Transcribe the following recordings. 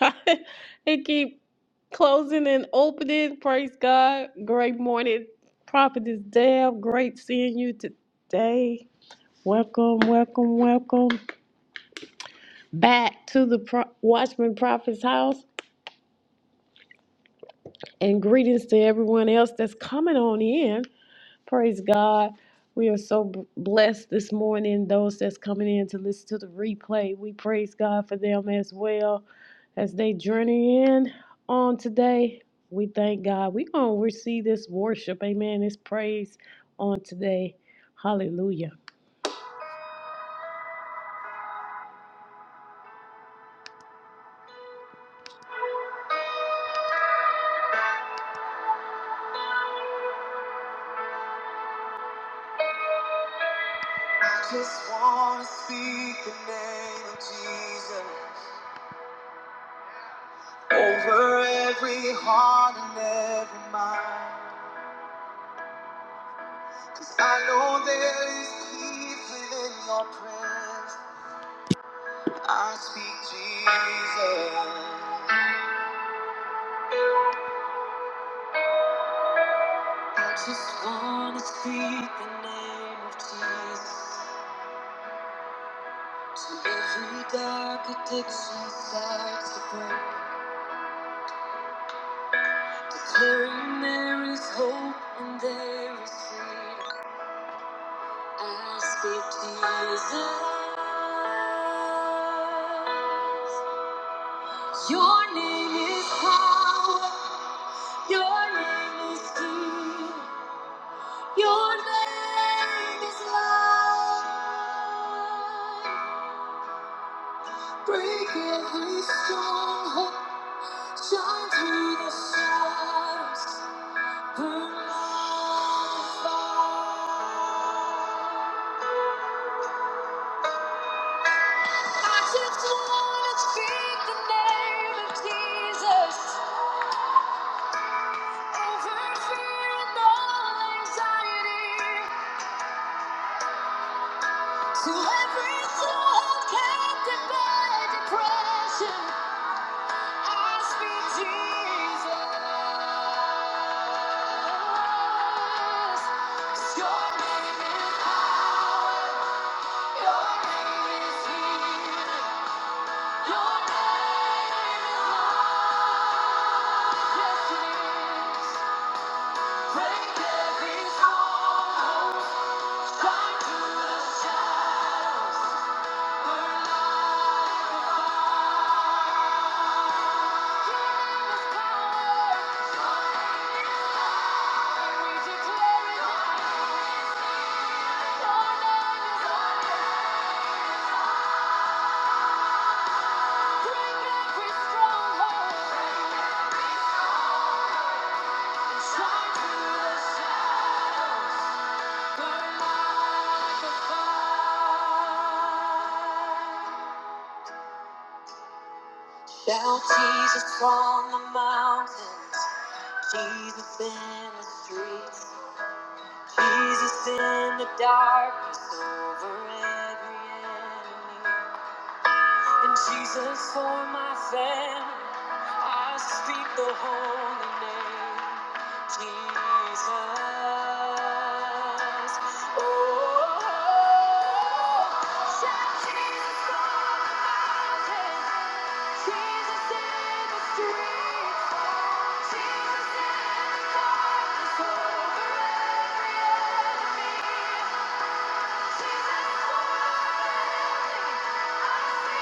it keep closing and opening. Praise God. Great morning, Prophetess is Deb. Great seeing you today. Welcome, welcome, welcome back to the Pro- Watchman Prophet's house, and greetings to everyone else that's coming on in. Praise God. We are so b- blessed this morning. Those that's coming in to listen to the replay, we praise God for them as well as they journey in on today. We thank God. We're going to receive this worship. Amen. This praise on today. Hallelujah. I just want to speak the name of Jesus over every heart and every mind. I know there is peace within your presence. I speak Jesus. I just wanna speak the name of Jesus. To every dark addiction starts to break. Declaring there is hope and there is freedom. I speak Jesus. Your name is power. Your name is good. Your name is love. Break every stronghold. Shine through the shadows. Burn like fire. I just wanna speak the name of Jesus over fear and all anxiety. To every soul captive by depression. I speak Jesus. 'Cause Your name is power. Your name is healing. Your name is love. Yes, Break every stronghold. Shine through the shadows. Burn like a Fire. Shout Jesus from the mountains, Jesus in the streets, Jesus in the darkness over every enemy. And Jesus for my family, I speak the holy name, Jesus. Oh, shout Jesus on the mountain, Jesus in the streets, Jesus in the darkness over every enemy. Jesus for my family. Your name. is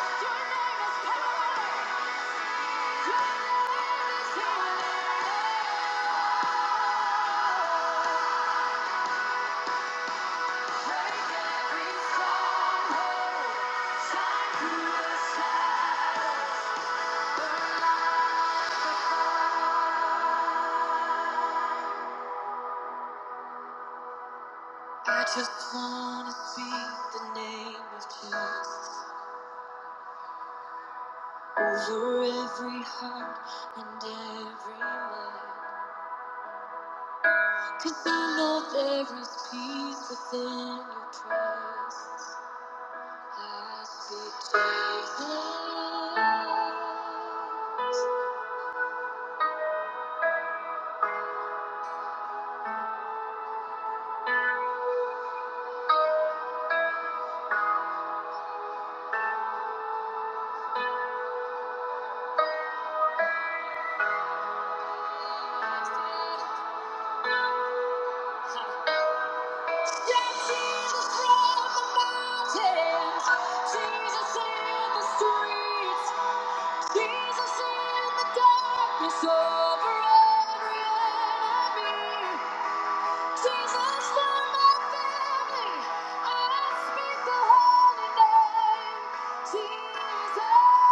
Yeah. I just wanna speak the name of Jesus over every heart and every mind, 'cause Cause I know there is peace within your presence. I speak to the Lord. Jesus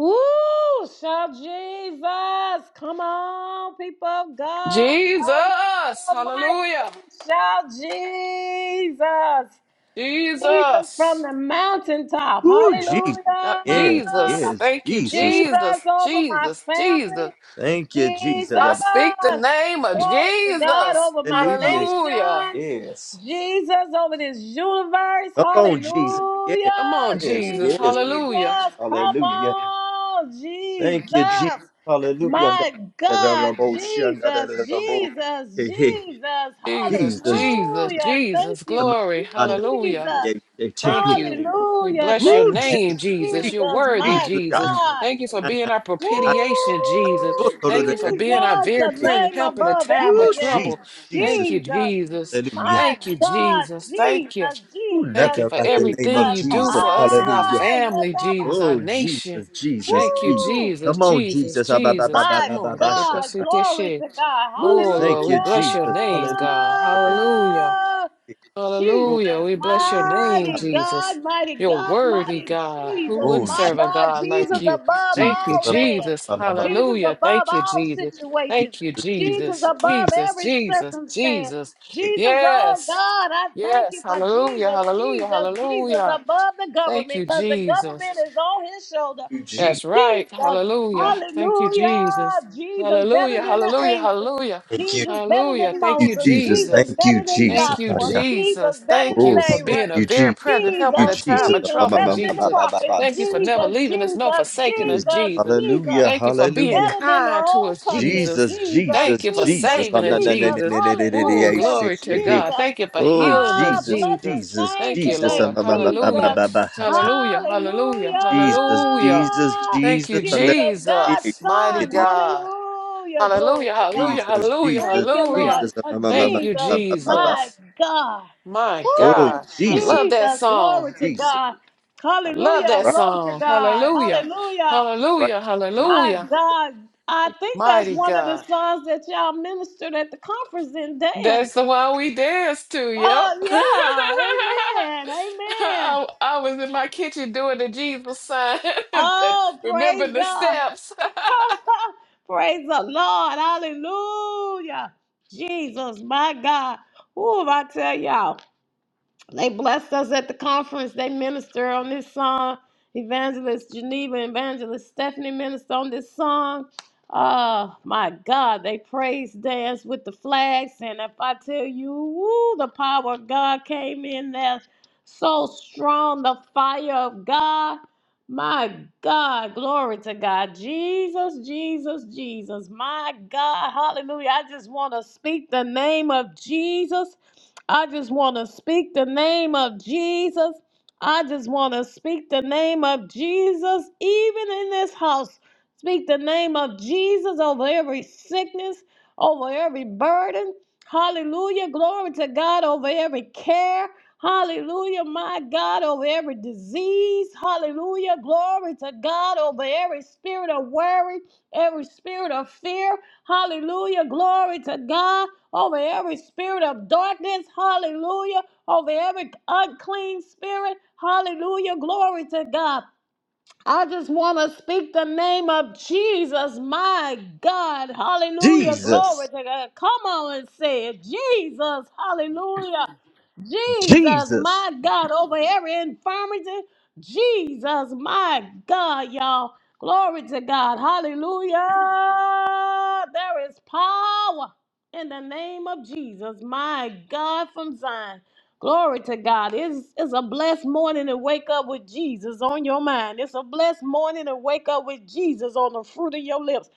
Woo! Shout Jesus! Come on, people of God! Jesus. Unmute your mic Hallelujah. and shout Jesus! Jesus from Jesus. the mountaintop. Woo, Jesus. Uh, Hallelujah. Yes, Jesus. yes, Thank you, Jesus. Jesus Jesus. over my Jesus. Jesus. family. Thank you, Jesus. Jesus. I speak the name of Glory to God Jesus. over my Hallelujah. Hallelujah. nation. Yes. Jesus over this universe. Come on, Jesus. Yes, Come Hallelujah. on, yes, Jesus. Thank yes. you, Hallelujah. Jesus. Come Hallelujah. on. Thank you, Jesus. Jesus. My Hallelujah. Hey, hey. Jesus. Jesus. Jesus. Jesus. Glory. Hallelujah. Jesus. Jesus. Thank you. Thank you. We Hallelujah. bless Thank your Woo, Jesus, name, Jesus. You're you, worthy, Jesus, my Jesus. Thank you for Hallelujah. being our Jesus. propitiation, Jesus. Thank you for being our Jesus, very the present name help in a above time of every Woo, name. Jesus, trouble. Jesus. Thank you, Jesus, Jesus. Hallelujah. my Thank you, God. Jesus. Thank you. Ooh, Thank you nothing for like the name everything of you do Jesus. for us and our Ah, Hallelujah. family, yes, Jesus, I'm- our Oh, nation. Jesus, Jesus, Thank you, Jesus. Woo! Jesus, Come on, Jesus, Jesus. Ah, ba, ba, ba, Jesus. ba, My Come ba, ba, on. ba, little sha. God, cosita glory shit. to God. Ooh, Oh, thank Lord, we you, Hallelujah. bless your Jesus. name, God. Hallelujah. Hallelujah. Jesus, Oh, Hallelujah. We bless your name, ah, mighty Jesus. God, mighty You're God, worthy, mighty God. Who Jesus, wouldn't oh, my serve Je- a God, God Jesus like Jesus, you? above Thank Jesus. you, all Ah, ba, ba, man, Jesus. ba, ba, ba. Jesus Hallelujah. above Thank you, all Jesus. Je- situations, Thank you, Jesus Jesus. Je- Je- above Jesus, every Jesus, circumstance. Jesus. Thank Jesus, oh Yes. God, I thank you Yes. for Hallelujah. Jesus, Hallelujah. Jesus, Jesus Hallelujah. above the Thank government you, because the Jesus. government is on his shoulder. you, Jesus. That's right. Jesus. Hallelujah. Thank you, Hallelujah. Jesus. Jesus better Hallelujah. than the Hallelujah. angels. Hallelujah. Thank you, Jesus better Hallelujah. than Thank you, you, Moses. Jesus. Jesus Jesus. Thank you, better than Thank Jesus. you, Ah, Joshua. yeah. Jesus Jesus. better Thank than you Oh, for thank Aaron. being a you, very Jesus. present Thank help you, in a Jesus, time Jesus. of Ah, Jesus ba, trouble, better ba, ba, than the ba, ba, Jesus. ba, ba, prophets. ba. Thank you So for never tight. Jesus, leaving us nor Jesus, forsaking us, Jesus. Jesus, Jesus. Jesus Hallelujah. Thank you for being Hallelujah. better than the kind to old us, covenant. Jesus. Jesus, Jesus, Thank Jesus, you for Jesus, Jesus. Ah, saving us, na, na, na, Jesus. na, Jesus. na, na, na, na, na, Oh, I Hallelujah. say, glory to hey, hey. God. Jesus. Thank you for Oh, healing us, Ah, Jesus, bless Jesus. his Jesus, name Thank you, Jesus. Ah, today. Lord. ma, ma, ma, ma, ma, Jesus. Hallelujah. ma, ma, ha, ta. Hallelujah. Hallelujah. Jesus, Hallelujah. Jesus, Hallelujah. Thank Jesus. you, Ah, na, na, Jesus, na, God's Jesus, na, mighty Son. na, God. Hallelujah. Glory Hallelujah, to God. hallelujah, Jesus, hallelujah, Jesus, Thank you, Lord. hallelujah. Jesus. Ah, Oh, ma, ma, ma, Thank ma, you, ma, Jesus, ma, ma, ma. my Jesus. God. My Oh, Woo, God, I Jesus, love that Jesus, glory song. to Jesus. God. I love Hallelujah. that Right, Glory to song. God. Hallelujah, Hallelujah. right. hallelujah, My hallelujah. God. I think that's Mighty one of the God. songs that y'all ministered at the conference in That's dance. the one we danced to, yep. Oh, yeah. Amen. Amen. I, I was in my kitchen doing the Jesus sign. Oh, Remember praise the God. steps. Praise the Lord. Hallelujah. Jesus, my God. Who am I tell y'all? They blessed us at the conference. They minister on this song. Evangelist Geneva, Evangelist Stephanie minister on this song. Oh my God, they praise dance with the flags. And if I tell you, woo, the power of God came in there so strong, the fire of God. My God, glory to God. Jesus, Jesus, Jesus. My God, hallelujah. I just want to speak the name of Jesus I just want to speak the name of Jesus. I just want to speak the name of Jesus, even in this house. Speak the name of Jesus over every sickness, over every burden. Hallelujah. Glory to God over every care. Hallelujah. My God, over every disease. Hallelujah. Glory to God over every spirit of worry, every spirit of fear. Hallelujah. Glory to God over every spirit of darkness, hallelujah, over every unclean spirit, hallelujah, glory to God. I just want to speak the name of Jesus, my God, hallelujah, glory Jesus, to God. Come on and say it, Jesus, hallelujah. Jesus, Jesus. my God, over every infirmity. Jesus, my God, y'all. Glory to God. Hallelujah. There is power in the name of Jesus, my God from Zion. Glory to God. It's, it's a blessed morning to wake up with Jesus on your mind. It's a blessed morning to wake up with Jesus on the fruit of your lips.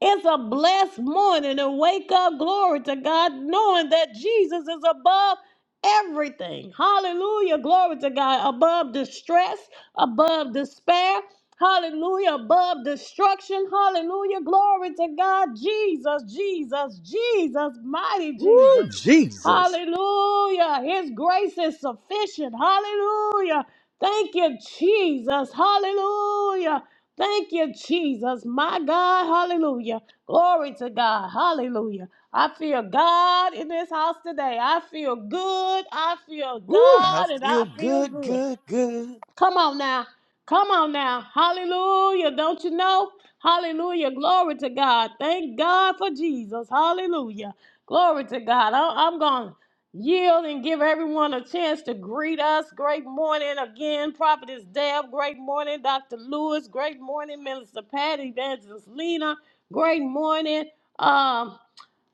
It's a blessed morning and wake up, glory to God, knowing that Jesus is above everything. Hallelujah, glory to God, above distress, above despair. Hallelujah, above destruction. Hallelujah, glory to God, Jesus, Jesus, Jesus, mighty Woo, Jesus. Jesus. Hallelujah, His grace is sufficient. Hallelujah, thank you, Jesus. Hallelujah. Thank you, Jesus. My God, hallelujah. Glory to God, hallelujah. I feel God in this house today. I feel good. I feel Woo, I God, and I feel feel good, good. good, good. Come on now. Come on now. Hallelujah. Don't you know? Hallelujah. Glory to God. Thank God for Jesus. Hallelujah. Glory to God. I- I'm going to yield and give everyone a chance to greet us. Great morning again, Prophetess Deb. Great morning, Dr. Lewis. Great morning, Minister Patty, Evangelist Lena. Great morning. Um.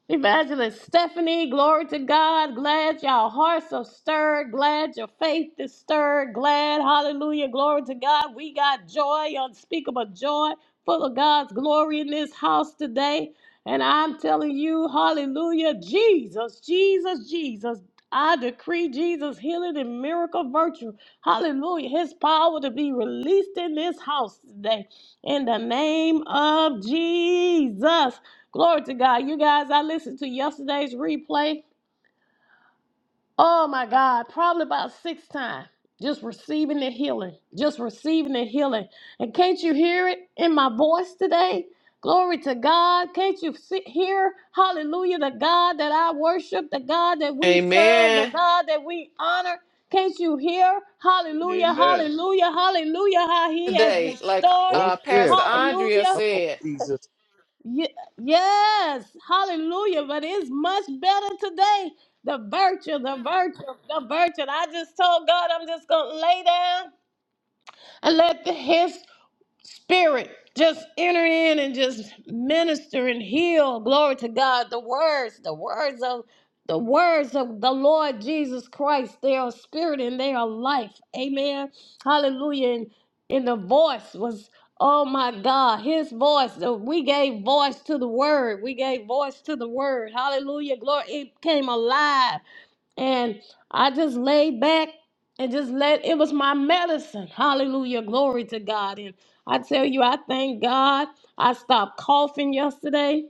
Evangelist Stephanie, glory to God. Glad y'all hearts are stirred. Glad your faith is stirred. Glad, hallelujah, glory to God. We got joy, unspeakable joy, full of God's glory in this house today. And I'm telling you, hallelujah, Jesus, Jesus, Jesus. I decree Jesus' healing and miracle virtue. Hallelujah. His power to be released in this house today. In the name of Jesus. Glory to God. You guys, I listened to yesterday's replay. Oh my God, probably about six times. Just receiving the healing. Just receiving the healing. And can't you hear it in my voice today? Glory to God. Can't you see, hear, hallelujah, the God that I worship, the God that we serve, the Amen. God that we honor? Can't you hear, hallelujah, Amen. hallelujah, hallelujah, how he has today, like restored Oh, it? uh, yeah. Pastor Come, Andrea Hallelujah, come on, said, Jesus. Ye- Yes, hallelujah. But it's much better today. The virtue, the virtue, the virtue. I just told God I'm just going to lay down and let the, Spirit, just enter in and just minister and heal. Glory to God. The words, the words of the words of the Lord Jesus Christ, they are spirit and they are life. Amen. Hallelujah. And, and the voice was, oh my God, his voice. Uh, We gave voice to the word. We gave voice to the word. Hallelujah. Glory. It came alive and I just laid back and just let it was my medicine. Hallelujah, glory to God. And I tell you, I thank God. I stopped coughing yesterday.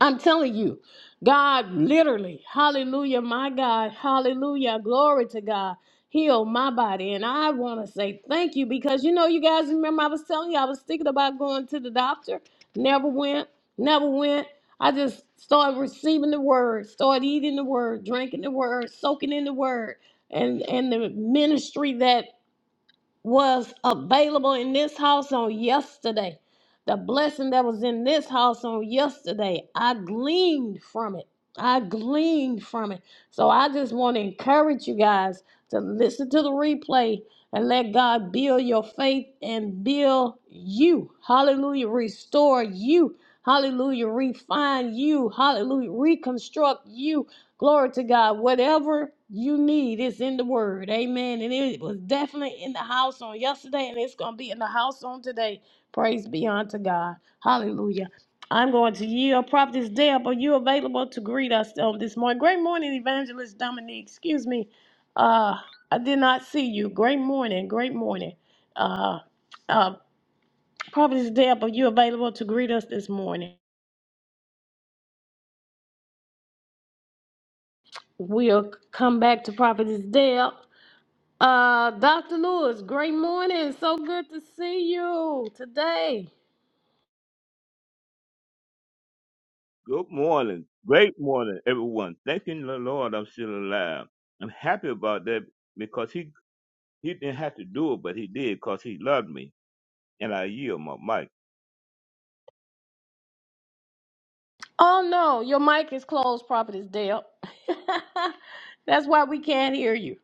I'm telling you, God literally, hallelujah, my God, hallelujah, glory to God, healed my body. And I want to say thank you because you know, you guys remember I was telling you, I was thinking about going to the doctor, never went, never went. I just started receiving the word, started eating the word, drinking the word, soaking in the word, and, and the ministry that was available in this house on yesterday, the blessing that was in this house on yesterday, I gleaned from it. I gleaned from it. So I just want to encourage you guys to listen to the replay and let God build your faith and build you. Hallelujah. Restore you. Hallelujah. Refine you. Hallelujah. Reconstruct you. Glory to God. Whatever you need is in the word. Amen. And it was definitely in the house on yesterday, and it's going to be in the house on today. Praise be unto God. Hallelujah. I'm going to yield. Prophetess Deb, are you available to greet us on this morning? Great morning, Evangelist Dominique. Excuse me. Uh, I did not see you. Great morning. Great morning. Uh, uh, Prophetess Deb, are you available to greet us this morning? We'll come back to Prophetess Deb. Uh, Dr. Lewis, great morning. So good to see you today. Good morning. Great morning, everyone. Thanking the Lord I'm still alive. I'm happy about that because he, he didn't have to do it, but he did because he loved me. And I yield my mic. Oh no, your mic is closed, Prophetess Dale. That's why we can't hear you.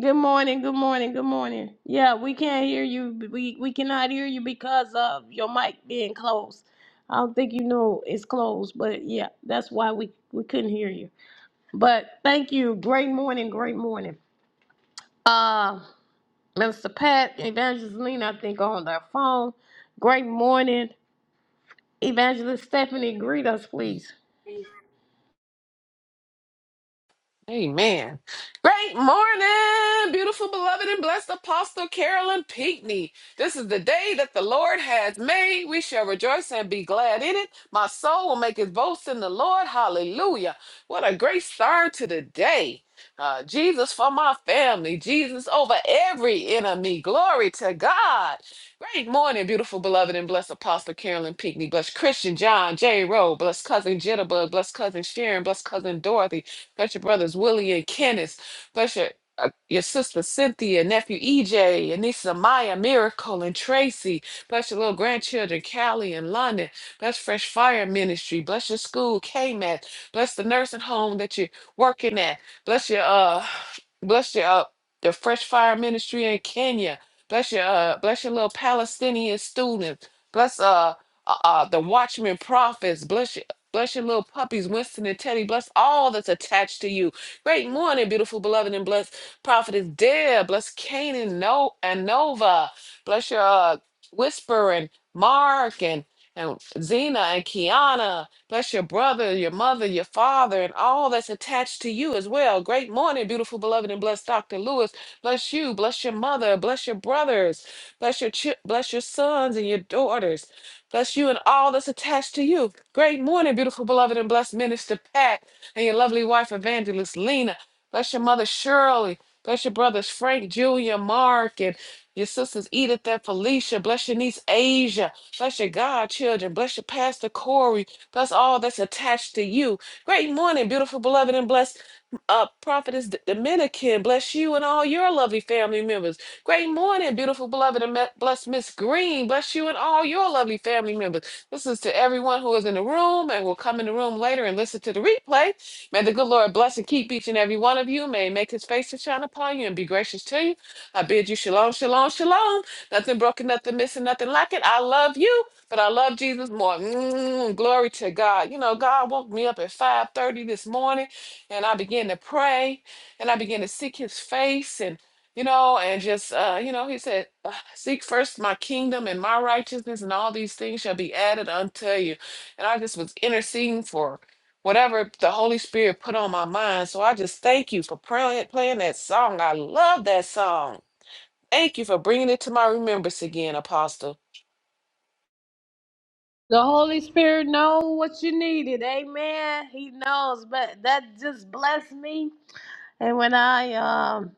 Good morning, good morning, good morning. Yeah, we can't hear you. We we cannot hear you because of your mic being closed. I don't think you know it's closed, but yeah, that's why we we couldn't hear you. But thank you. Great morning, great morning. Uh, Minister Pat, Evangelist Lena, I think, on their phone. Great morning. Evangelist Stephanie, greet us, please. Amen. Great morning, beautiful, beloved, and blessed Apostle Carolyn Pinckney. This is the day that the Lord has made. We shall rejoice and be glad in it. My soul will make its boast in the Lord. Hallelujah. What a great start to the day. Uh, Jesus for my family, Jesus over every enemy. Glory to God. Great morning, beautiful, beloved, and blessed Apostle Carolyn Pinckney. Bless Christian John, J. Rowe, bless cousin Jitterbug, bless cousin Sharon, bless cousin Dorothy, Bless your brothers Willie and Kenneth. Bless your uh, your sister Cynthia, nephew EJ, your niece Amaya, Miracle, and Tracy. Bless your little grandchildren, Callie and London. Bless Fresh Fire Ministry. Bless your school, K mat. Bless the nursing home that you're working at. Bless your uh, bless your uh, the Fresh Fire Ministry in Kenya. Bless your uh, bless your little Palestinian students. Bless uh, uh, uh, the Watchman prophets. Bless Bless your little puppies, Winston and Teddy. Bless all that's attached to you. Great morning, beautiful, beloved, and blessed prophetess Deb. Bless Kane and, no- and Nova. Bless your uh, Whisper and Mark and, and Zena and Kiana. Bless your brother, your mother, your father, and all that's attached to you as well. Great morning, beautiful, beloved, and blessed Dr. Lewis. Bless you. Bless your mother. Bless your brothers. Bless your, chi- bless your sons and your daughters. Bless you and all that's attached to you. Great morning, beautiful, beloved, and blessed minister Pat and your lovely wife, evangelist Lena. Bless your mother, Shirley. Bless your brothers, Frank, Julia, Mark, and your sisters, Edith and Felicia. Bless your niece, Asia. Bless your godchildren. Bless your pastor, Corey. Bless all that's attached to you. Great morning, beautiful, beloved, and blessed uh, prophetess D- Dominican. Bless you and all your lovely family members. Great morning, beautiful, beloved, and me- bless Miss Green. Bless you and all your lovely family members. This is to everyone who is in the room and will come in the room later and listen to the replay. May the good Lord bless and keep each and every one of you. May He make his face to shine upon you and be gracious to you. I bid you shalom, shalom, shalom. Nothing broken, nothing missing, nothing lacking. I love you, but I love Jesus more. Mm, glory to God. You know, God woke me up at 5:30 this morning and I began to pray and I began to seek his face and you know, and just, uh, you know, he said, uh, Seek first my kingdom and my righteousness, and all these things shall be added unto you. And I just was interceding for whatever the Holy Spirit put on my mind. So I just thank you for pray- playing that song. I love that song. Thank you for bringing it to my remembrance again, Apostle. The Holy Spirit knows what you needed. Amen. He knows, but that just blessed me. And when I um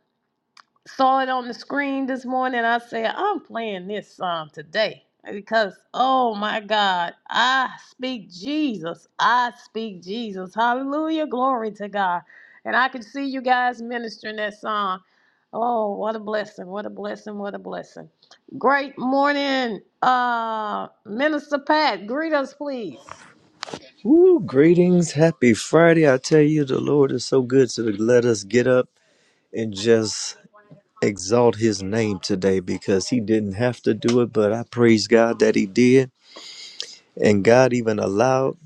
saw it on the screen this morning. I said, I'm playing this song today because, oh my God, I speak Jesus. I speak Jesus. Hallelujah. Glory to God. And I can see you guys ministering that song. Oh, what a blessing. What a blessing. What a blessing. Great morning, uh, Minister Pat. Greet us, please. Woo, greetings. Happy Friday. I tell you, the Lord is so good to let us get up and just exalt his name today because he didn't have to do it, but I praise God that he did. And God even allowed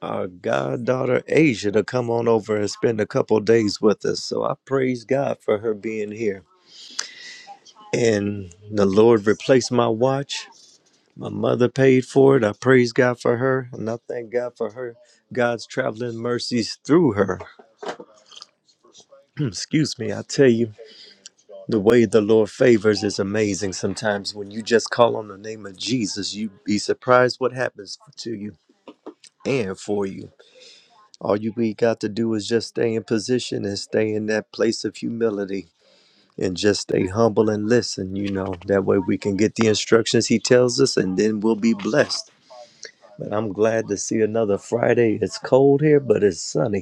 our goddaughter Asia to come on over and spend a couple days with us. So I praise God for her being here. And the Lord replaced my watch. My mother paid for it. I praise God for her. And I thank God for her, God's traveling mercies through her. Hmm, Excuse me, I tell you, the way the Lord favors is amazing sometimes. When you just call on the name of Jesus, you be surprised what happens to you and for you. All you we got to do is just stay in position and stay in that place of humility and just stay humble and listen, you know. That way we can get the instructions he tells us and then we'll be blessed. But I'm glad to see another Friday. It's cold here, but it's sunny.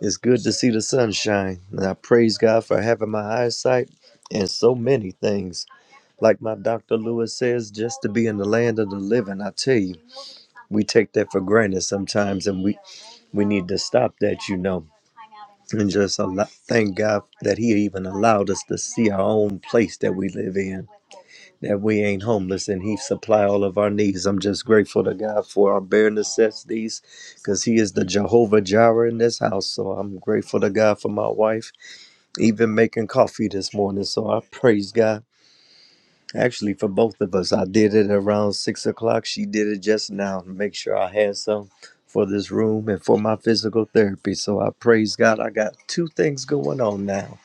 It's good to see the sunshine, and I praise God for having my eyesight and so many things. Like my Dr. Lewis says, just to be in the land of the living, I tell you, we take that for granted sometimes, and we, we need to stop that, you know, and just allow, thank God that He even allowed us to see our own place that we live in, that we ain't homeless, and He supply all of our needs. I'm just grateful to God for our bare necessities, because He is the Jehovah Jireh in this house. So I'm grateful to God for my wife even making coffee this morning. So I praise God. Actually, for both of us, I did it around six o'clock. She did it just now to make sure I had some for this room and for my physical therapy. So I praise God. I got two things going on now.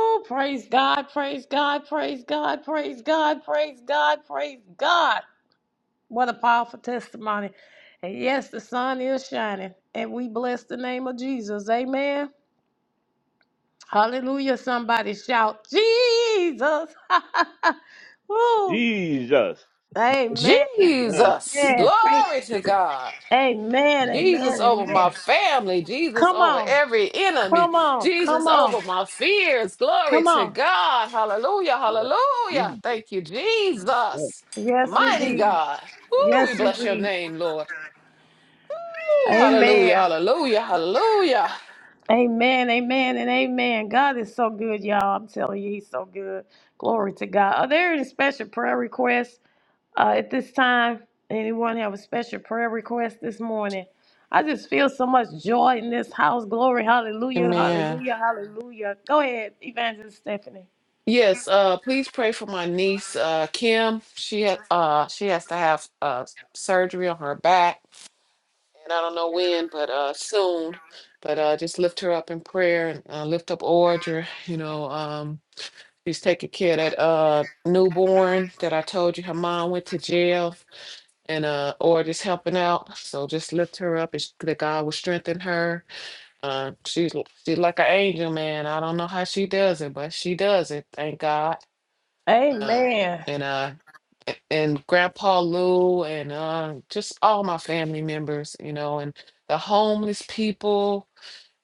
Oh, praise God, praise God, praise God, praise God, praise God, praise God. What a powerful testimony. And yes, the sun is shining. And we bless the name of Jesus. Amen. Hallelujah. Somebody shout, Jesus. Woo. Jesus. Amen. Yeah, Jesus, Amen. Jesus. glory to God. Amen. Jesus Amen. over my Amen. family, Jesus Come over on. every enemy, Come on. Come Jesus on. over my fears. Glory Come to on. God. Hallelujah. Yeah, Jesus. Hallelujah. Thank you, Yeah, Jesus. Yes, Mighty Hallelujah. indeed. God. Ooh, Yes, we bless your indeed. name, Lord. Ooh, Amen. hallelujah. Hallelujah. Hallelujah. Amen. Amen. And amen. God is so good, y'all. I'm telling you, He's so good. Glory to God. Are there any special prayer requests? Uh, at this time, anyone have a special prayer request this morning? I just feel so much joy in this house. Glory, hallelujah, Amen. hallelujah, hallelujah. Go ahead, Evangelist Stephanie. Yes, uh, please pray for my niece, uh, Kim. She had uh she has to have uh surgery on her back and I don't know when, but uh, soon. But uh, just lift her up in prayer and uh, lift up Audra. You know, um, she's taking care of that uh, newborn that I told you her mom went to jail, and uh, Audra's helping out. So just lift her up, and sh- that God will strengthen her. Uh, she's she's like an angel, man. I don't know how she does it, but she does it. Thank God. Uh, Amen. and uh, a- and Grandpa Lou and uh, just all my family members, you know, and the homeless people,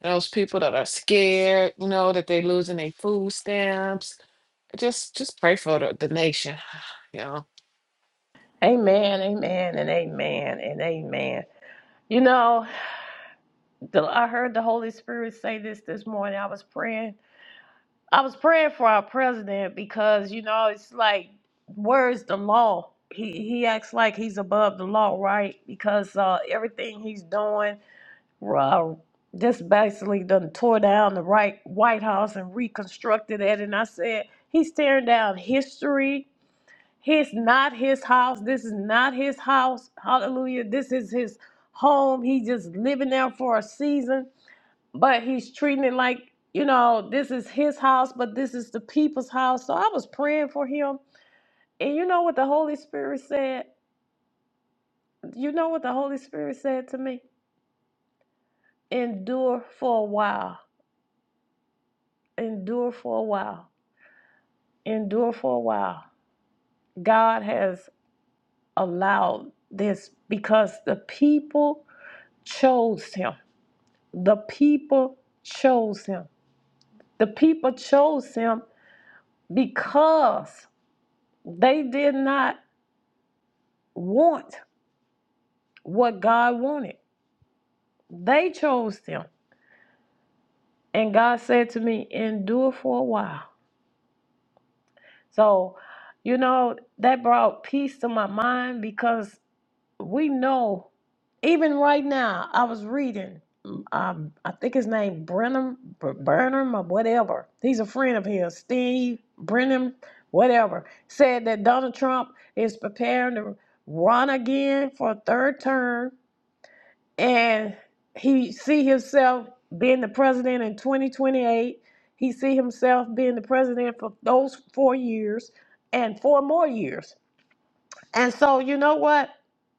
those people that are scared, you know, that they're losing their food stamps. Just just pray for the, the nation, you know. Amen, amen, and amen, and amen. You know, the, I heard the Holy Spirit say this this morning. I was praying. I was praying for our president because, you know, it's like, where's the law? He, he acts like he's above the law, right? Because uh, everything he's doing, uh, just basically done tore down the right White House and reconstructed it. And I said, he's tearing down history. His not his house. This is not his house. Hallelujah. This is his home. He's just living there for a season, but he's treating it like, you know, this is his house, but this is the people's house. So I was praying for him. And you know what the Holy Spirit said? You know what the Holy Spirit said to me? Endure for a while. Endure for a while endure for a while. God has allowed this because the people chose him. The people chose him. The people chose him because they did not want what God wanted. They chose him. And God said to me, endure for a while. So, you know, that brought peace to my mind because we know even right now i was reading um, i think his name brenham Br- burnham or whatever he's a friend of his steve brenham whatever said that donald trump is preparing to run again for a third term and he see himself being the president in 2028 he see himself being the president for those four years and four more years and so, you know what?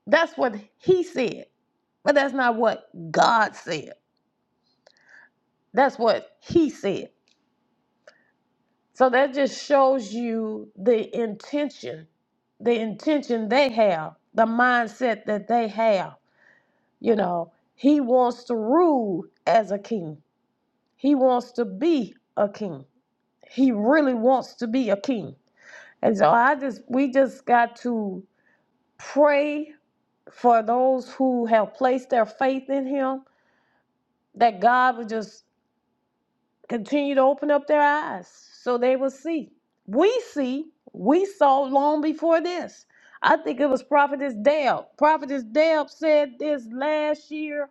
That's what he said, but that's not what God said. That's what he said. So that just shows you the intention, the intention they have, the mindset that they have. You know, he wants to rule as a king, he wants to be a king. He really wants to be a king. And so I just, we just got to pray for those who have placed their faith in him that God would just continue to open up their eyes so they will see. We see, we saw long before this. I think it was Prophetess Deb. Prophetess Deb said this last year.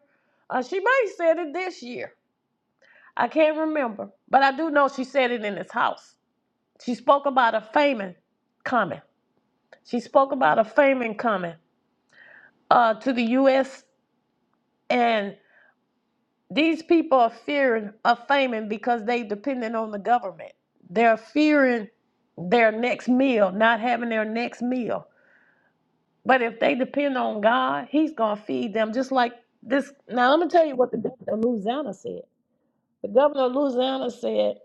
Uh, she might have said it this year. I can't remember. But I do know she said it in this house. She spoke about a famine coming. She spoke about a famine coming uh, to the U.S. and These people are fearing of famine because they dependent on the government. They're fearing their next meal, not having their next meal. But if they depend on God, He's gonna feed them just like this. Now I'm gonna tell you what the governor of Louisiana said. The governor of Louisiana said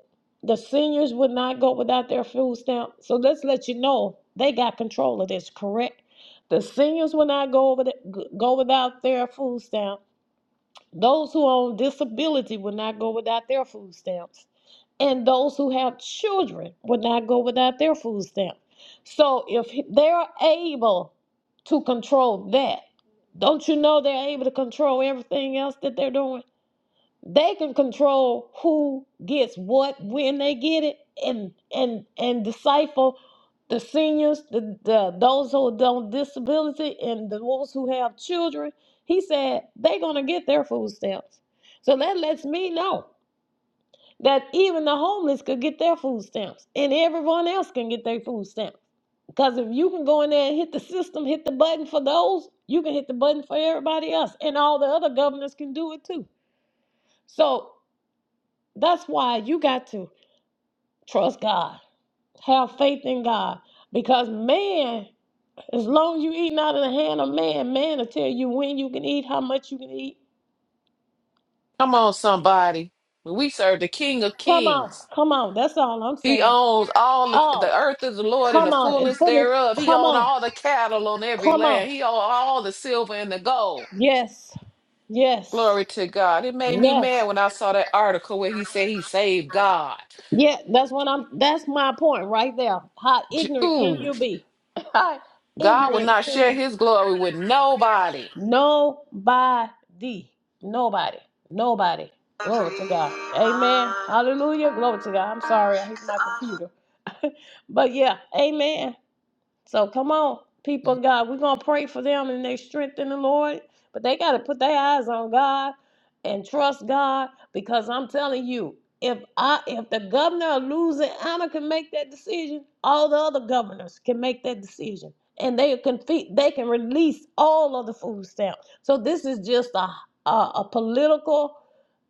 the seniors would not go without their food stamp. So let's let you know they got control of this, correct? The seniors will not go over the, go without their food stamp those who are on disability will not go without their food stamps. And those who have children will not go without their food stamps. So if they're able to control that, don't you know they're able to control everything else that they're doing? They can control who gets what when they get it and and and decipher the seniors, the, the those who don't disability and the ones who have children. He said they're gonna get their food stamps. So that lets me know that even the homeless could get their food stamps and everyone else can get their food stamps. Because if you can go in there and hit the system, hit the button for those, you can hit the button for everybody else. And all the other governors can do it too. So that's why you got to trust God, have faith in God. Because man, as long as you eating out of the hand of man, man will tell you when you can eat, how much you can eat. Come on, somebody. We serve the King of Come on, Kings. come on. That's all I'm He saying. owns all the, Oh, the earth is the Lord and the come on. And fullness for this, thereof. He come owns on, all the cattle on every come on. land. He owns all the silver and the gold. Yes, yes, Glory to God. It made me yes. mad when I saw that article where he said he saved God. Yeah, that's what I'm that's my point right there. How J- ignorant can Ooh, you be? How God will ignorant not share can his glory with nobody. nobody. Nobody. Nobody. Glory to God. Amen. Hallelujah. Glory to God. I'm sorry. I hit my computer. But yeah, amen. So come on, people of God. We're gonna pray for them and their strength in the Lord. But they gotta put their eyes on God and trust God because I'm telling you, if I if the governor of Louisiana can make that decision, all the other governors can make that decision. And they can fe- they can release all of the food stamps. So this is just a a, a political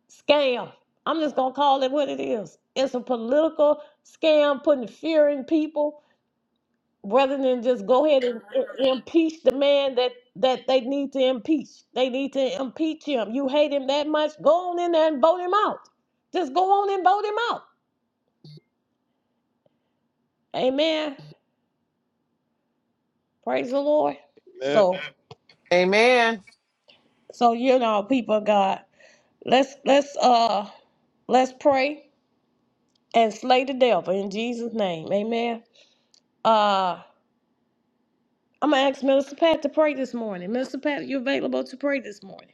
scam. I'm just gonna call it what it is. It's a political scam putting fear in people rather than just go ahead and i- impeach the man that that they need to impeach. They need to impeach him. You hate him that much, go on in there and vote him out. Just go on and vote him out. Amen. Praise the Lord. Yeah, So Amen. so you know, people of God, let's let's uh let's pray and slay the devil in Jesus' name. Amen. Uh I'm gonna ask Minister Pat to pray this morning. Minister Pat, you available to pray this morning?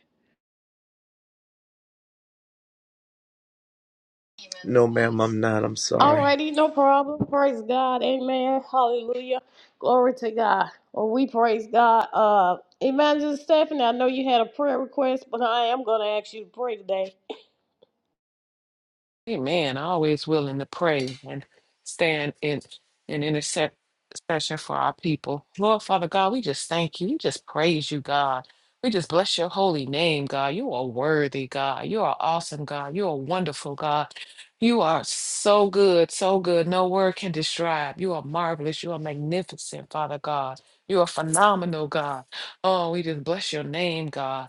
No, ma'am, I'm not. I'm sorry. Alrighty, no problem. Praise God. Amen. Hallelujah. Glory to God. Well, we praise God. Uh Evangelist Stephanie, I know you had a prayer request, but I am gonna ask you to pray today. Amen. Always willing to pray and stand in in intercession for our people. Lord Father God, we just thank you. We just praise you, God. We just bless your holy name, God. You are worthy, God. You are awesome, God. You are wonderful, God. You are so good, so good. No word can describe. You are marvelous. You are magnificent, Father God. You are phenomenal, God. Oh, we just bless your name, God.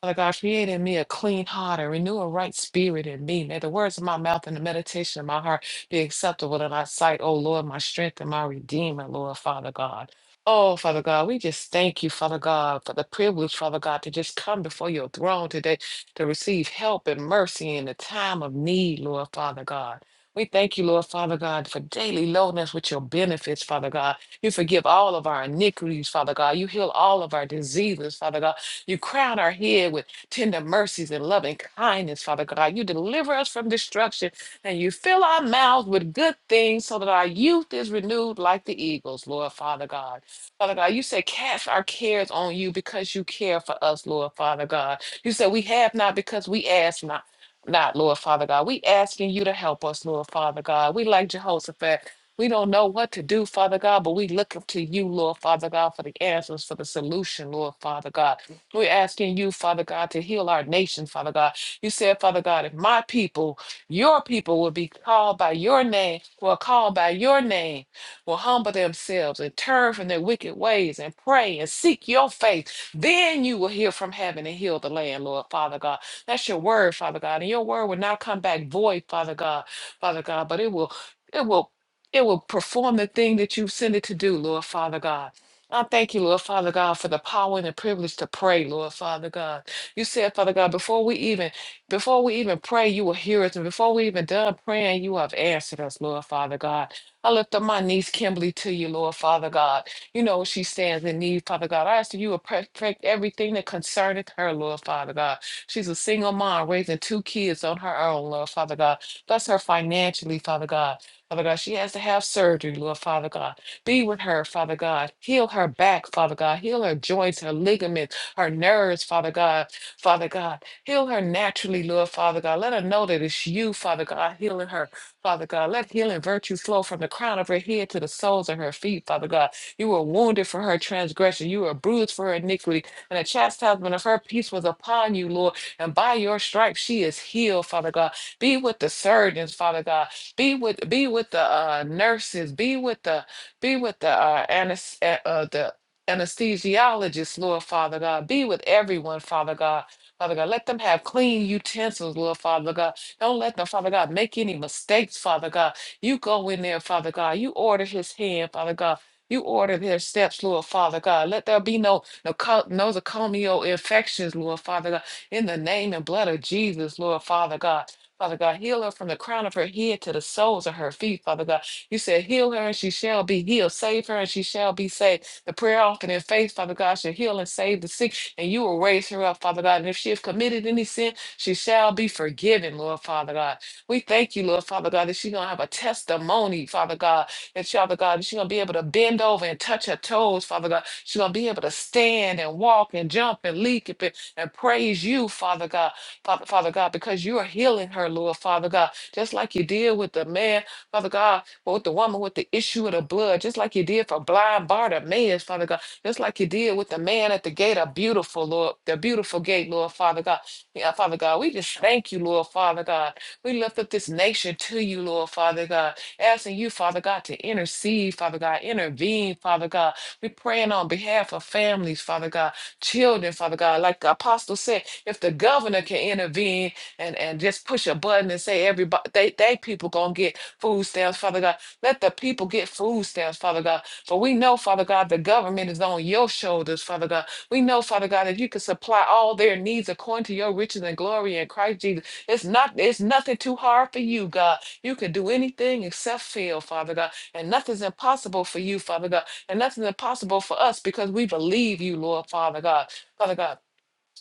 Father God, create in me a clean heart and renew a right spirit in me. May the words of my mouth and the meditation of my heart be acceptable in thy sight, O Lord, my strength and my redeemer, Lord Father God. Oh, Father God, we just thank you, Father God, for the privilege, Father God, to just come before your throne today to receive help and mercy in the time of need, Lord Father God. We thank you, Lord Father God, for daily lowness with your benefits, Father God. You forgive all of our iniquities, Father God. You heal all of our diseases, Father God. You crown our head with tender mercies and loving kindness, Father God. You deliver us from destruction and you fill our mouths with good things so that our youth is renewed like the eagles, Lord Father God. Father God, you say, cast our cares on you because you care for us, Lord Father God. You said, we have not because we ask not. Not, Lord Father God. We asking you to help us, Lord Father God. We like Jehoshaphat. We don't know what to do, Father God, but we look up to you, Lord Father God, for the answers, for the solution, Lord Father God. We're asking you, Father God, to heal our nation, Father God. You said, Father God, if my people, your people, will be called by your name, will call by your name, will humble themselves and turn from their wicked ways and pray and seek your face, then you will hear from heaven and heal the land, Lord, Father God. That's your word, Father God. And your word will not come back void, Father God, Father God, but it will, it will. It will perform the thing that you've sent it to do, Lord Father God. I thank you, Lord Father God, for the power and the privilege to pray, Lord Father God. You said, Father God, before we even before we even pray, you will hear us. And before we even done praying, you have answered us, Lord Father God. I lift up my niece Kimberly to you, Lord Father God. You know she stands in need, Father God. I ask that you will perfect everything that concerneth her, Lord Father God. She's a single mom raising two kids on her own, Lord Father God. Bless her financially, Father God. Father God, she has to have surgery, Lord Father God. Be with her, Father God. Heal her back, Father God. Heal her joints, her ligaments, her nerves, Father God. Father God. Heal her naturally, Lord, Father God. Let her know that it's you, Father God, healing her, Father God. Let healing virtue flow from the crown of her head to the soles of her feet, Father God. You were wounded for her transgression. You were bruised for her iniquity. And the chastisement of her peace was upon you, Lord. And by your stripes she is healed, Father God. Be with the surgeons, Father God. Be with be with the uh, nurses. Be with the be with the uh, anes- uh, uh, the anesthesiologist, Lord Father God. Be with everyone, Father God. Father God, let them have clean utensils, Lord Father God. Don't let them, Father God, make any mistakes, Father God. You go in there, Father God. You order his hand, Father God. You order their steps, Lord Father God. Let there be no noco- nosocomial infections, Lord Father God. In the name and blood of Jesus, Lord Father God. Father God, heal her from the crown of her head to the soles of her feet, Father God. You said, Heal her and she shall be healed. Save her and she shall be saved. The prayer often in faith, Father God, shall heal and save the sick, and you will raise her up, Father God. And if she has committed any sin, she shall be forgiven, Lord Father God. We thank you, Lord Father God, that she's going to have a testimony, Father God, that she- Father God, that she's going to be able to bend over and touch her toes, Father God. She's going to be able to stand and walk and jump and leap and, and praise you, Father God, Father, Father God, because you are healing her, Lord Father God, just like you did with the man, Father God. But with the woman with the issue of the blood, just like you did for blind Bartimaeus, Father God, just like you did with the man at the gate, a beautiful Lord, the beautiful gate, Lord Father God. Yeah, Father God, we just thank you, Lord Father God. We lift up this nation to you, Lord Father God, asking you, Father God, to intercede, Father God, intervene, Father God. We're praying on behalf of families, Father God, children, Father God. Like the apostle said, if the governor can intervene and, and just push a button and say everybody they, they people gonna get food stamps, Father God. Let the people get food stamps, Father God. For we know, Father God, the government is on your shoulders, Father God. We know, Father God, that you can supply all their needs according to your riches and glory in Christ Jesus. It's not it's nothing too hard for you, God. You can do anything except fail, Father God. And nothing's impossible for you, Father God. And nothing's impossible for us because we believe you, Lord Father God. Father God.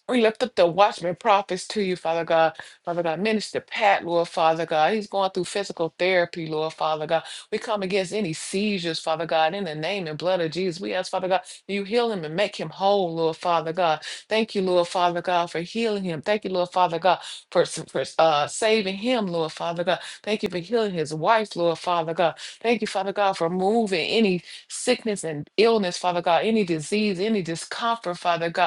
We lift up the watchman prophets to you, Father God. Father God, minister Pat, Lord Father God. He's going through physical therapy, Lord Father God. We come against any seizures, Father God, in the name and blood of Jesus. We ask, Father God, that you heal him and make him whole, Lord Father God. Thank you, Lord Father God, for healing him. Thank you, Lord Father God, for, for uh, saving him, Lord Father God. Thank you for healing his wife, Lord Father God. Thank you, Father God, for moving any sickness and illness, Father God, any disease, any discomfort, Father God.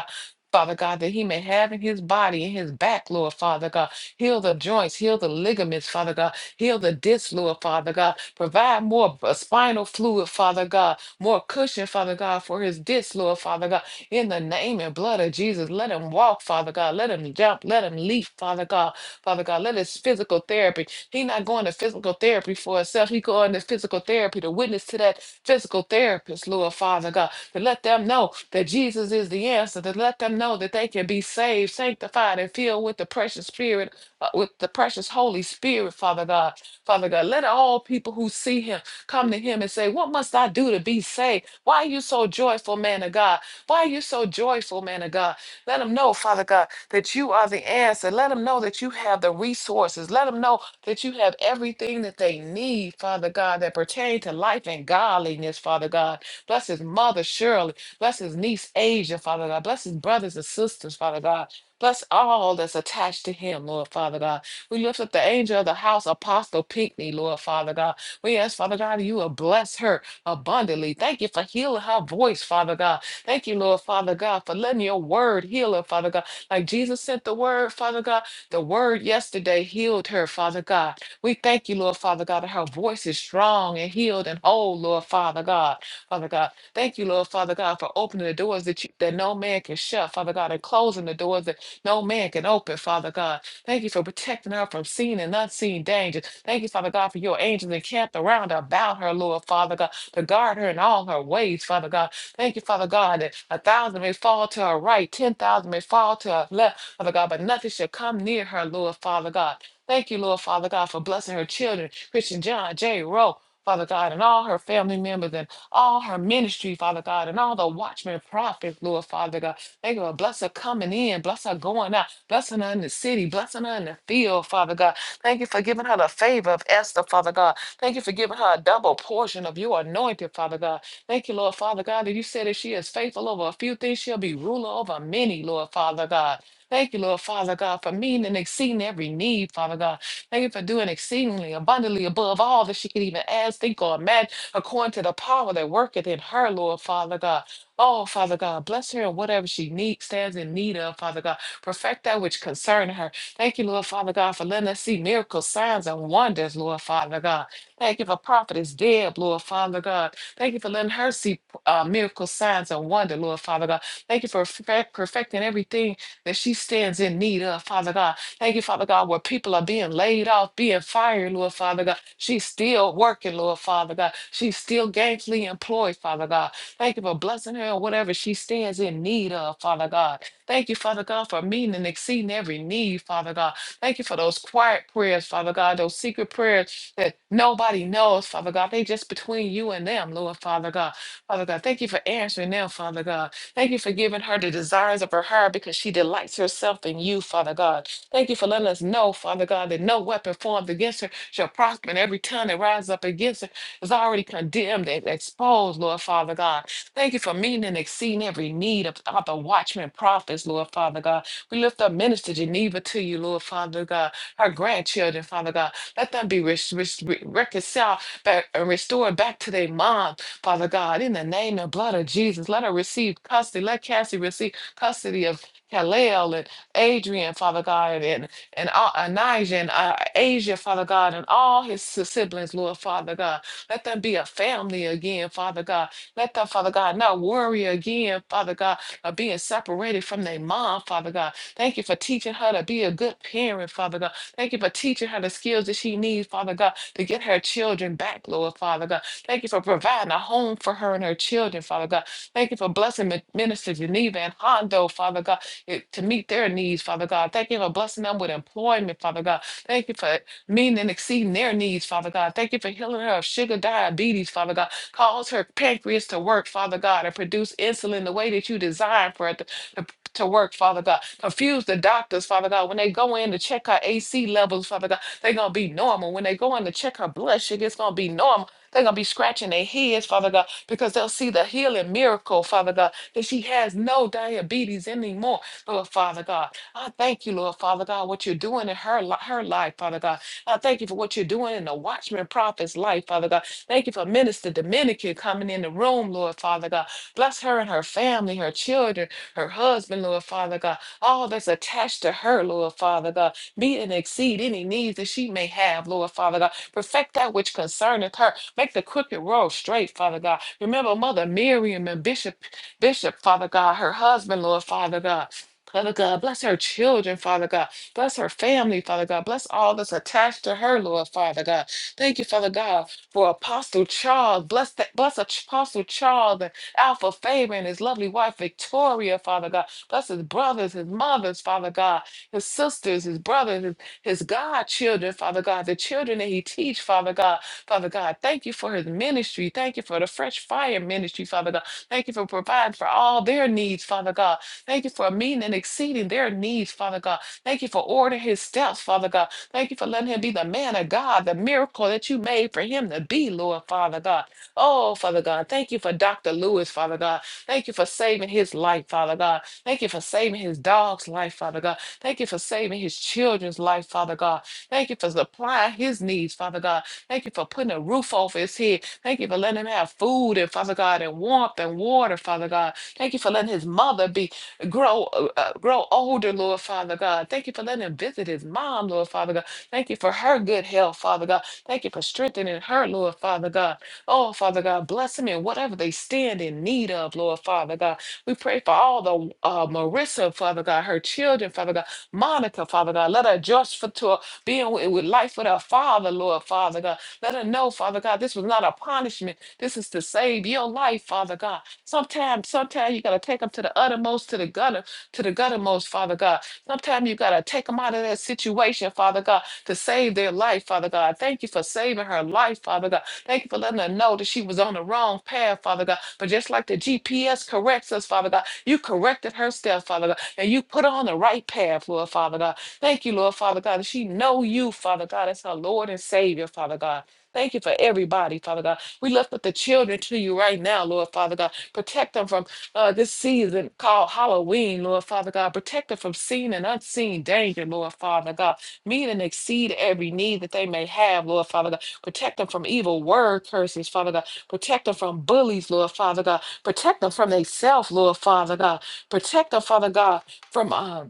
Father God, that he may have in his body, in his back, Lord Father God. Heal the joints, heal the ligaments, Father God. Heal the disc, Lord Father God. Provide more uh, spinal fluid, Father God. More cushion, Father God, for his disc, Lord Father God. In the name and blood of Jesus, let him walk, Father God. Let him let him jump. Let him leap, Father God. Father God, let his physical therapy. He not going to physical therapy for himself. He going to physical therapy to witness to that physical therapist, Lord Father God, to let them know that Jesus is the answer, to let them know that they can be saved, sanctified, and filled with the precious spirit, uh, with the precious Holy Spirit, Father God. Father God, let all people who see him come to him and say, What must I do to be saved? Why are you so joyful, man of God? Why are you so joyful, man of God? Let them know, Father God that you are the answer. Let them know that you have the resources. Let them know that you have everything that they need, Father God, that pertain to life and godliness, Father God. Bless his mother, Shirley. Bless his niece, Asia, Father God. Bless his brothers and sisters, Father God. Bless all that's attached to him, Lord Father God. We lift up the angel of the house, Apostle Pinckney, Lord Father God. We ask, Father God, you will bless her abundantly. Thank you for healing her voice, Father God. Thank you, Lord Father God, for letting your word heal her, Father God. Like Jesus sent the word, Father God. The word yesterday healed her, Father God. We thank you, Lord Father God, that her voice is strong and healed and whole, Lord Father God. Father God, thank you, Lord Father God, for opening the doors that you, that no man can shut, Father God, and closing the doors that no man can open, Father God. Thank you for protecting her from seen and unseen dangers. Thank you, Father God, for your angels encamped around her, about her, Lord Father God, to guard her in all her ways, Father God. Thank you, Father God, that a thousand may fall to her right, 10,000 may fall to her left, Father God, but nothing shall come near her, Lord Father God. Thank you, Lord Father God, for blessing her children, Christian John, J. Rowe, Father God, and all her family members and all her ministry, Father God, and all the watchmen, prophets, Lord Father God. Thank you, Lord. bless her coming in, bless her going out, blessing her in the city, blessing her in the field, Father God. Thank you for giving her the favor of Esther, Father God. Thank you for giving her a double portion of your anointing, Father God. Thank you, Lord Father God, that you said that she is faithful over a few things, she'll be ruler over many, Lord Father God. Thank you, Lord Father God, for meeting and exceeding every need, Father God. Thank you for doing exceedingly abundantly above all that she can even ask, think, or imagine, according to the power that worketh in her, Lord Father God. Oh, Father God, bless her in whatever she needs, stands in need of, Father God. Perfect that which concern her. Thank you, Lord Father God, for letting us see miracles, signs, and wonders, Lord Father God. Thank you for prophet is dead, Lord Father God. Thank you for letting her see uh, miracle signs and wonder, Lord Father God. Thank you for fe- perfecting everything that she stands in need of, Father God. Thank you, Father God, where people are being laid off, being fired, Lord Father God. She's still working, Lord Father God. She's still gainfully employed, Father God. Thank you for blessing her and whatever she stands in need of, Father God. Thank you, Father God, for meeting and exceeding every need, Father God. Thank you for those quiet prayers, Father God, those secret prayers that nobody knows, Father God. They just between you and them, Lord, Father God. Father God, thank you for answering them, Father God. Thank you for giving her the desires of her heart because she delights herself in you, Father God. Thank you for letting us know, Father God, that no weapon formed against her shall prosper, and every tongue that rises up against her is already condemned and exposed, Lord, Father God. Thank you for meeting and exceeding every need of, of the watchmen prophets, Lord, Father God. We lift up Minister Geneva to you, Lord, Father God. Her grandchildren, Father God. Let them be res- res- re- reconciled back and restored back to their mom, Father God, in the name and blood of Jesus. Let her receive custody. Let Cassie receive custody of Kalel and Adrian, Father God, and and all, Anijah and uh, Asia, Father God, and all his si- siblings, Lord Father God. Let them be a family again, Father God. Let them, Father God, not worry again, Father God, of being separated from their mom, Father God. Thank you for teaching her to be a good parent, Father God. Thank you for teaching her the skills that she needs, Father God, to get her children back, Lord, Father God. Thank you for providing a home for her and her children, Father God. Thank you for blessing Mi- Minister Geneva and Hondo, Father God, eh, to meet their needs, Father God. Thank you for blessing them with employment, Father God. Thank you for meeting and exceeding their needs, Father God. Thank you for healing her of sugar diabetes, Father God. Cause her pancreas to work, Father God, and produce insulin the way that you designed for it to to work, Father God. Confuse the doctors, Father God. When they go in to check her AC levels, Father God, they're going to be normal. When they go in to check her blood sugar, it's going to be normal. They're going to be scratching their heads, Father God, because they'll see the healing miracle, Father God, that she has no diabetes anymore, Lord Father God. I thank you, Lord Father God, what you're doing in her, li- her life, Father God. I thank you for what you're doing in the watchman prophet's life, Father God. Thank you for Minister Dominican coming in the room, Lord Father God. Bless her and her family, her children her husband, Lord Father God, all that's attached to her, Lord Father God, meet and exceed any needs that she may have, Lord Father God. Perfect that which concerneth her. Make the crooked road straight, Father God. Remember Mother Miriam and Bishop, Bishop, Father God, her husband, Lord Father God. Father God, bless her children, Father God. Bless her family, Father God. Bless all that's attached to her, Lord Father God. Thank you, Father God, for Apostle Charles. Bless that, bless Apostle Charles Alpha Fabian, and his lovely wife Victoria, Father God. Bless his brothers, his mothers, Father God, his sisters, his brothers, his, his godchildren, Father God, the children that he teach, Father God. Father God, thank you for his ministry. Thank you for the fresh fire ministry, Father God. Thank you for providing for all their needs, Father God. Thank you for meeting and exceeding their needs, Father God. Thank you for ordering his steps, Father God. Thank you for letting him be the man of God, the miracle that you made for him to be, Lord Father God. Oh, Father God, thank you for Dr. Lewis, Father God. Thank you for saving his life, Father God. Thank you for saving his dog's life, Father God. Thank you for saving his children's life, Father God. Thank you for supplying his needs, Father God. Thank you for putting a roof over his head. Thank you for letting him have food and Father God and warmth and water, Father God. Thank you for letting his mother be grow uh, uh, grow older, Lord Father God. Thank you for letting him visit his mom, Lord Father God. Thank you for her good health, Father God. Thank you for strengthening her, Lord Father God. Oh, Father God, bless them in whatever they stand in need of, Lord Father God. We pray for all the uh, Marissa, Father God, her children, Father God, Monica, Father God. Let her adjust for to being with, with life with her father, Lord Father God. Let her know, Father God, this was not a punishment. This is to save your life, Father God. Sometimes, sometimes you gotta take them to the uttermost, to the gutter, to the guttermost, Father God. Sometimes you gotta take them out of that situation, Father God, to save their life, Father God. Thank you for saving her life, Father God. Thank you for letting her know that she was on the wrong path, Father God. But just like the GPS corrects us, Father God, you corrected her step, Father God, and you put her on the right path, Lord Father God. Thank you, Lord Father God, that she know you, Father God, as her Lord and Savior, Father God. Thank you for everybody, Father God. We lift up the children to you right now, Lord Father God. Protect them from uh, this season called Halloween, Lord Father God. Protect them from seen and unseen danger, Lord Father God. Meet and exceed every need that they may have, Lord Father God. Protect them from evil word curses, Father God. Protect them from bullies, Lord Father God. Protect them from themselves, Lord Father God. Protect them, Father God, from um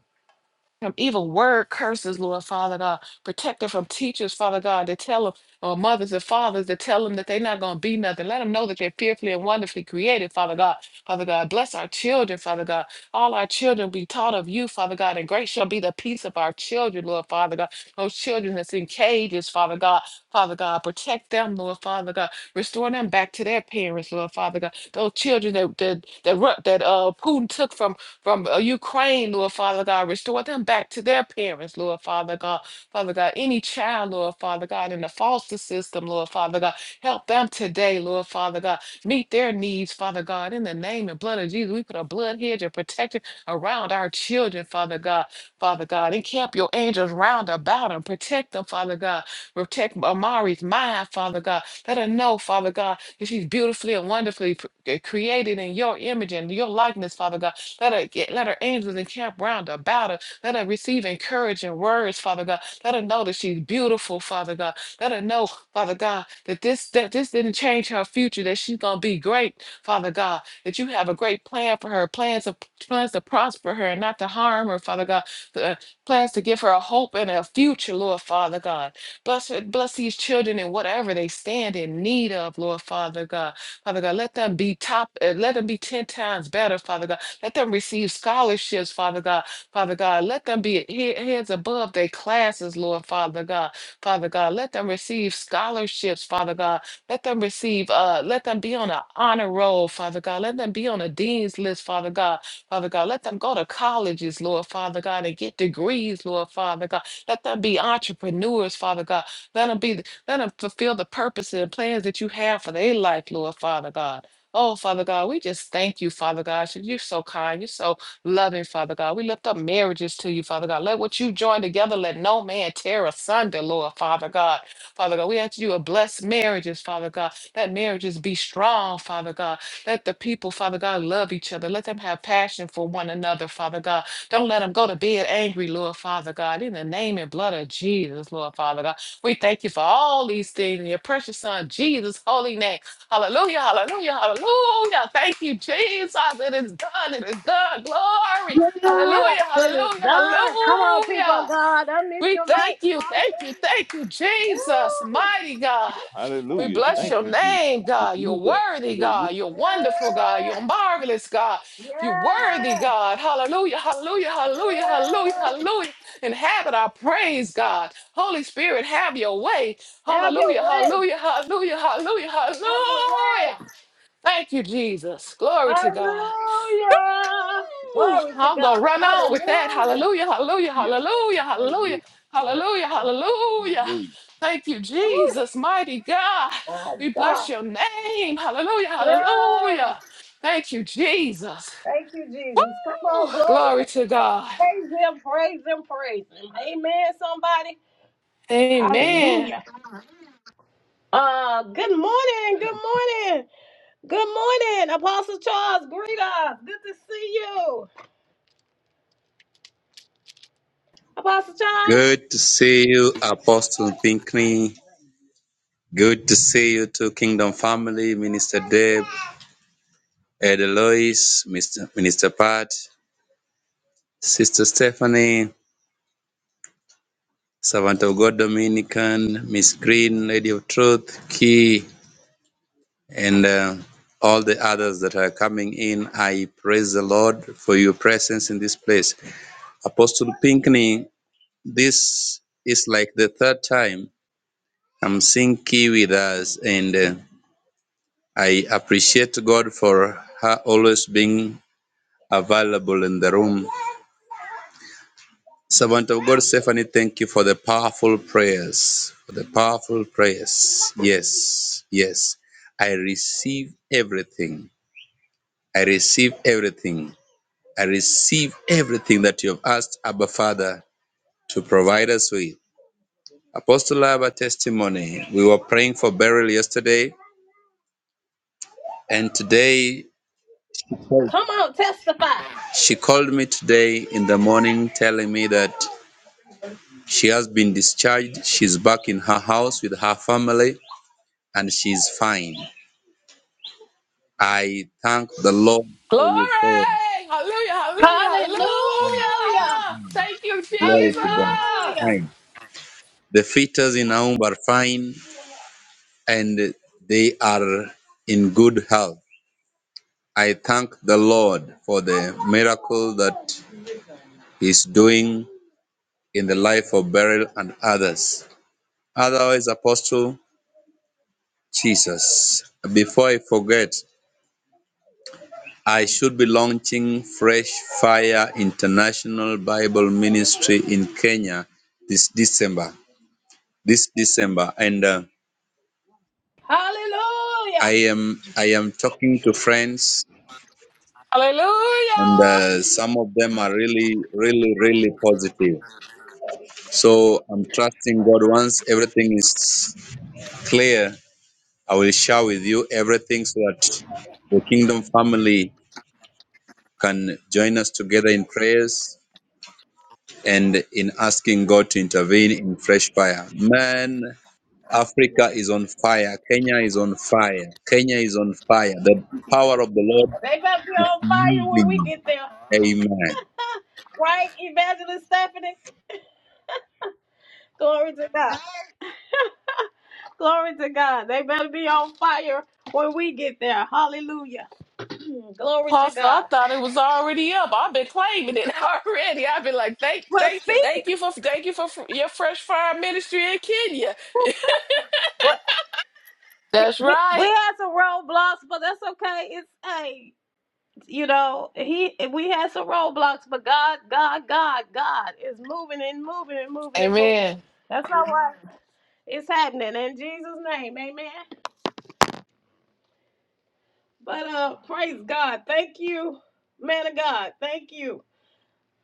from evil word curses, Lord Father God. Protect them from teachers, Father God, that tell them, or mothers and fathers that tell them that they're not going to be nothing. Let them know that they're fearfully and wonderfully created, Father God. Father God, bless our children, Father God. All our children be taught of you, Father God, and great shall be the peace of our children, Lord Father God. Those children that's in cages, Father God. Father God, protect them, Lord Father God. Restore them back to their parents, Lord Father God. Those children that that that, ru- that uh Putin took from from uh, Ukraine, Lord Father God. Restore them back to their parents, Lord Father God. Father God, any child, Lord Father God, in the foster system, Lord Father God, help them today, Lord Father God. Meet their needs, Father God, in the name and blood of Jesus. We put a blood hedge of protection around our children, Father God. Father God, encamp your angels round about them. Protect them, Father God. Protect Amari's mind, Father God. Let her know, Father God, that she's beautifully and wonderfully pr- created in your image and your likeness, Father God. Let her get, let her angels encamp round about her. Let her receive encouraging words, Father God. Let her know that she's beautiful, Father God. Let her know, Father God, that this that this didn't change her future, that she's gonna be great, Father God. That you have a great plan for her, plans of plans to prosper her and not to harm her, Father God. Uh, plans to give her a hope and a future, Lord Father God. Bless bless these children in whatever they stand in need of, Lord Father God. Father God, let them be top, uh, let them be ten times better, Father God. Let them receive scholarships, Father God. Father God, let them be he- heads above their classes, Lord, Father God. Father God, let them receive scholarships, Father God. Let them receive, uh, let them be on an honor roll, Father God. Let them be on a dean's list, Father God. Father God, let them go to colleges, Lord, Father God, and get degrees, Lord, Father God. Let them be entrepreneurs, Father God. Let them be, let them fulfill the purposes and plans that you have for their life, Lord, Father God. Oh, Father God, we just thank you, Father God. You're so kind. You're so loving, Father God. We lift up marriages to you, Father God. Let what you join together, let no man tear asunder, Lord, Father God. Father God, we ask you to bless marriages, Father God. Let marriages be strong, Father God. Let the people, Father God, love each other. Let them have passion for one another, Father God. Don't let them go to bed angry, Lord, Father God. In the name and blood of Jesus, Lord, Father God. We thank you for all these things in your precious Son, Jesus' holy name. Hallelujah, hallelujah, hallelujah. Thank you, Jesus. It is done. It is done. Glory. Yeah, Hallelujah, this is hallelujah, done. Come on, people. hallelujah. We thank you, thank you, Hallelujah. thank you, Jesus, Woo. mighty God. We Hallelujah. bless Thank Amen. your you, Jesus. name, God. You're Hallelujah. worthy, Hallelujah. God. You're wonderful, God. You're marvelous, God. Yeah. You're worthy, Yeah. God. Hallelujah, hallelujah, hallelujah, hallelujah, Yeah. hallelujah. Inhabit our praise, God. Holy Spirit, have your way. Have your Hallelujah, way. hallelujah, hallelujah, hallelujah, Have your hallelujah. way. Thank you, Jesus. Glory to God. Hallelujah. Woo! i Glory to gonna God. run on with that. Hallelujah. Hallelujah, hallelujah, hallelujah, hallelujah, Hallelujah. hallelujah, Yeah. hallelujah. Hallelujah. Thank you, Jesus, mighty God. My We God. bless your name. Hallelujah, Yeah. hallelujah. Thank you, Jesus. Thank you, Jesus. Come on, Woo! Glory glory. to God. Praise him, praise him, praise him. Amen, somebody. Amen. Hallelujah. Uh, good morning, good morning, good morning, Apostle Charles. Greet us. Good to see you, Apostle Charles. Good to see you, Apostle Pinkney. Good to see you to Kingdom Family, Minister Deb, Elder Lois, Mr. Minister Pat, Sister Stephanie, Servant of God Dominican, Miss Green, Lady of Truth, Key, and uh, all the others that are coming in. I praise the Lord for your presence in this place. Apostle Pinkney, this is like the third time I'm seeing Key with us, and uh, I appreciate God for her always being available in the room. Servant of God, Stephanie, thank you for the powerful prayers. For the powerful prayers. Yes, yes. I receive everything. I receive everything. I receive everything that you have asked Abba Father to provide us with. Apostle Abba testimony. We were praying for burial yesterday, and today Come on, testify. she called me today in the morning telling me that She has been discharged. She's back in her house with her family and she's fine. I thank the Lord Glory. for your prayer. Hallelujah, hallelujah, hallelujah. Hallelujah, Thank you, Glory to God. hallelujah, Jesus. Fine. The fetus in Aum are fine and they are in good health. I thank the Lord for the miracle that He's doing in the life of Beryl and others. Otherwise, Apostle Jesus, before I forget, I should be launching Fresh Fire International Bible Ministry in Kenya this December. This December, and uh, hallelujah. I am I am talking to friends, and Hallelujah. uh, some of them are really, really, really positive. So I'm trusting God. Once everything is clear, I will share with you everything so that the kingdom family can join us together in prayers and in asking God to intervene in fresh fire. Man, Africa is on fire. Kenya is on fire. Kenya is on fire. The power of the Lord. They better be on fire when we Mm. get there, Amen. right, Evangelist Stephanie? Glory to God. Glory to God. They better be on fire when we get there. Hallelujah. Glory to Apostle, I God. thought it was already up. I've been claiming it already. I've been like, thank, Well, thank, speaking, thank you for, thank you for fr- your fresh fire ministry in Kenya. That's we we right. had some roadblocks, but that's okay. It's hey, you know, he we had some roadblocks, but God, God, God, God is moving and moving and moving and moving. Amen. That's all right. It's happening in Jesus' name, Amen. But uh, praise God. Thank you, man of God. Thank you.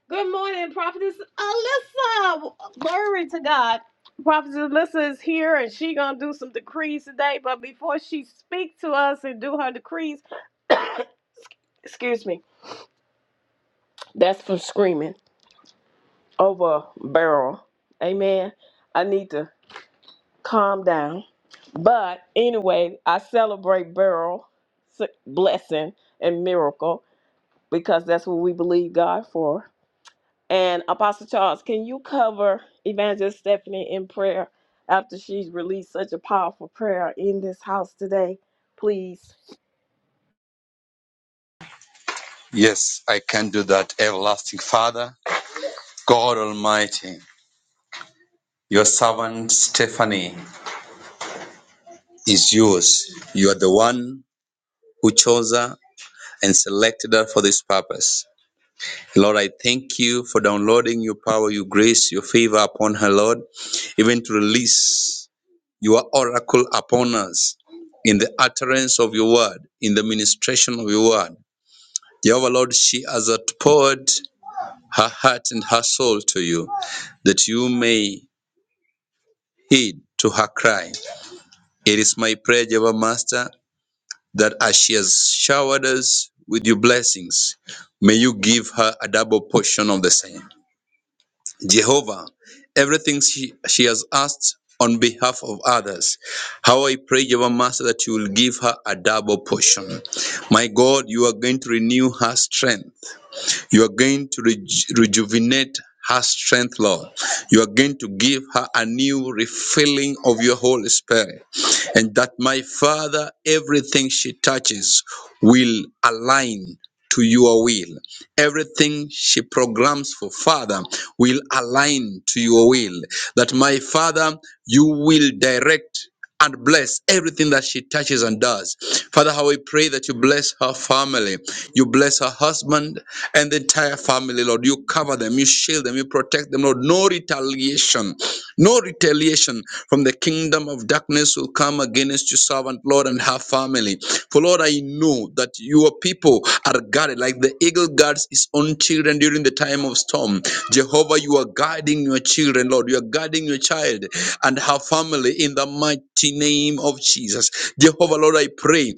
Good morning, Prophetess Alyssa. Glory to God. Prophetess Alyssa is here and she gonna do some decrees today. But before she speak to us and do her decrees, excuse me, that's from screaming over a barrel. Amen. I need to calm down. But anyway, I celebrate barrel s- blessing and miracle because that's what we believe God for. And Apostle Charles, can you cover Evangelist Stephanie in prayer after she's released such a powerful prayer in this house today, please? Yes, I can do that, everlasting Father, God Almighty. Your servant Stephanie is yours. You are the one who chose her and selected her for this purpose. Lord, I thank you for downloading your power, your grace, your favor upon her, Lord, even to release your oracle upon us in the utterance of your word, in the ministration of your word. Jehovah Lord, she has poured her heart and her soul to you, that you may heed to her cry. It is my prayer, Jehovah Master, that as she has showered us with your blessings, may you give her a double portion of the same. Jehovah, everything she, she has asked on behalf of others. How I pray, Jehovah Master, that you will give her a double portion. My God, you are going to renew her strength. You are going to reju- rejuvenate her strength, Lord. You are going to give her a new refilling of your Holy Spirit. And that, my Father, everything she touches will align to your will. Everything she programs for, Father, will align to your will. That, my Father, you will direct and bless everything that she touches and does. Father, how we pray that you bless her family, you bless her husband and the entire family, Lord. You cover them, you shield them, you protect them, Lord. No retaliation. No retaliation from the kingdom of darkness will come against your servant, Lord, and her family. For Lord, I know that your people are guarded like the eagle guards his own children during the time of storm. Jehovah, you are guarding your children, Lord. You are guarding your child and her family in the mighty name of Jesus. Jehovah, Lord, I pray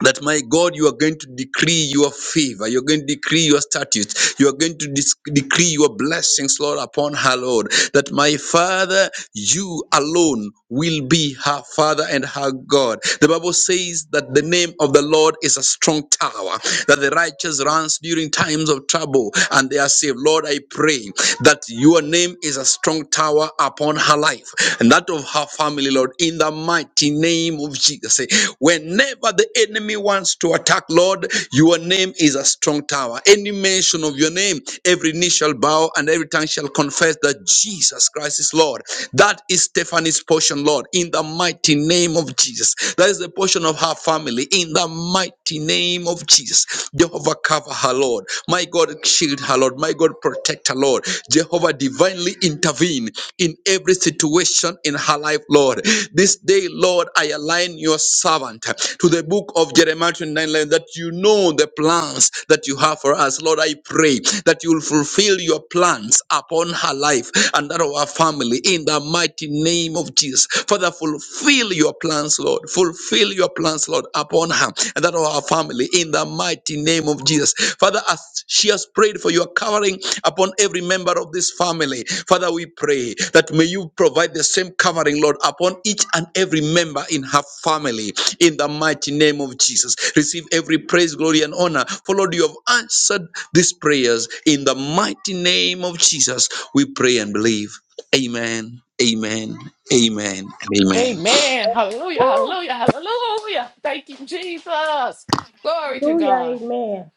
that my God, you are going to decree your favor. You're going to decree your statutes. You are going to dis- decree your blessings, Lord, upon her, Lord. That my Father, you alone will be her Father and her God. The Bible says that the name of the Lord is a strong tower, that the righteous runs during times of trouble and they are saved. Lord, I pray that your name is a strong tower power upon her life and that of her family, Lord, in the mighty name of Jesus. Whenever the enemy wants to attack, Lord, your name is a strong tower. Any mention of your name, every knee shall bow and every tongue shall confess that Jesus Christ is Lord. That is Stephanie's portion, Lord, in the mighty name of Jesus. That is the portion of her family, in the mighty name of Jesus peace. Jehovah, cover her, Lord. My God, shield her, Lord. My God, protect her, Lord. Jehovah, divinely intervene in every situation in her life, Lord. This day, Lord, I align your servant to the book of Jeremiah 29 11, that you know the plans that you have for us. Lord, I pray that you will fulfill your plans upon her life and that of our family in the mighty name name of Jesus. Father, fulfill your plans, Lord. Fulfill your plans, Lord, upon her and that of our family in the mighty name of Jesus. Father, as she has prayed for your covering upon every member of this family, Father, we pray that may you provide the same covering, Lord, upon each and every member in her family in the mighty name of Jesus. Receive every praise, glory, and honor. For Lord, you have answered these prayers in the mighty name of Jesus. We pray and believe. Amen. Amen. Amen. And amen. Amen. Hallelujah. Hallelujah. Hallelujah. Thank you, Jesus. Glory to Hallelujah. God. Amen.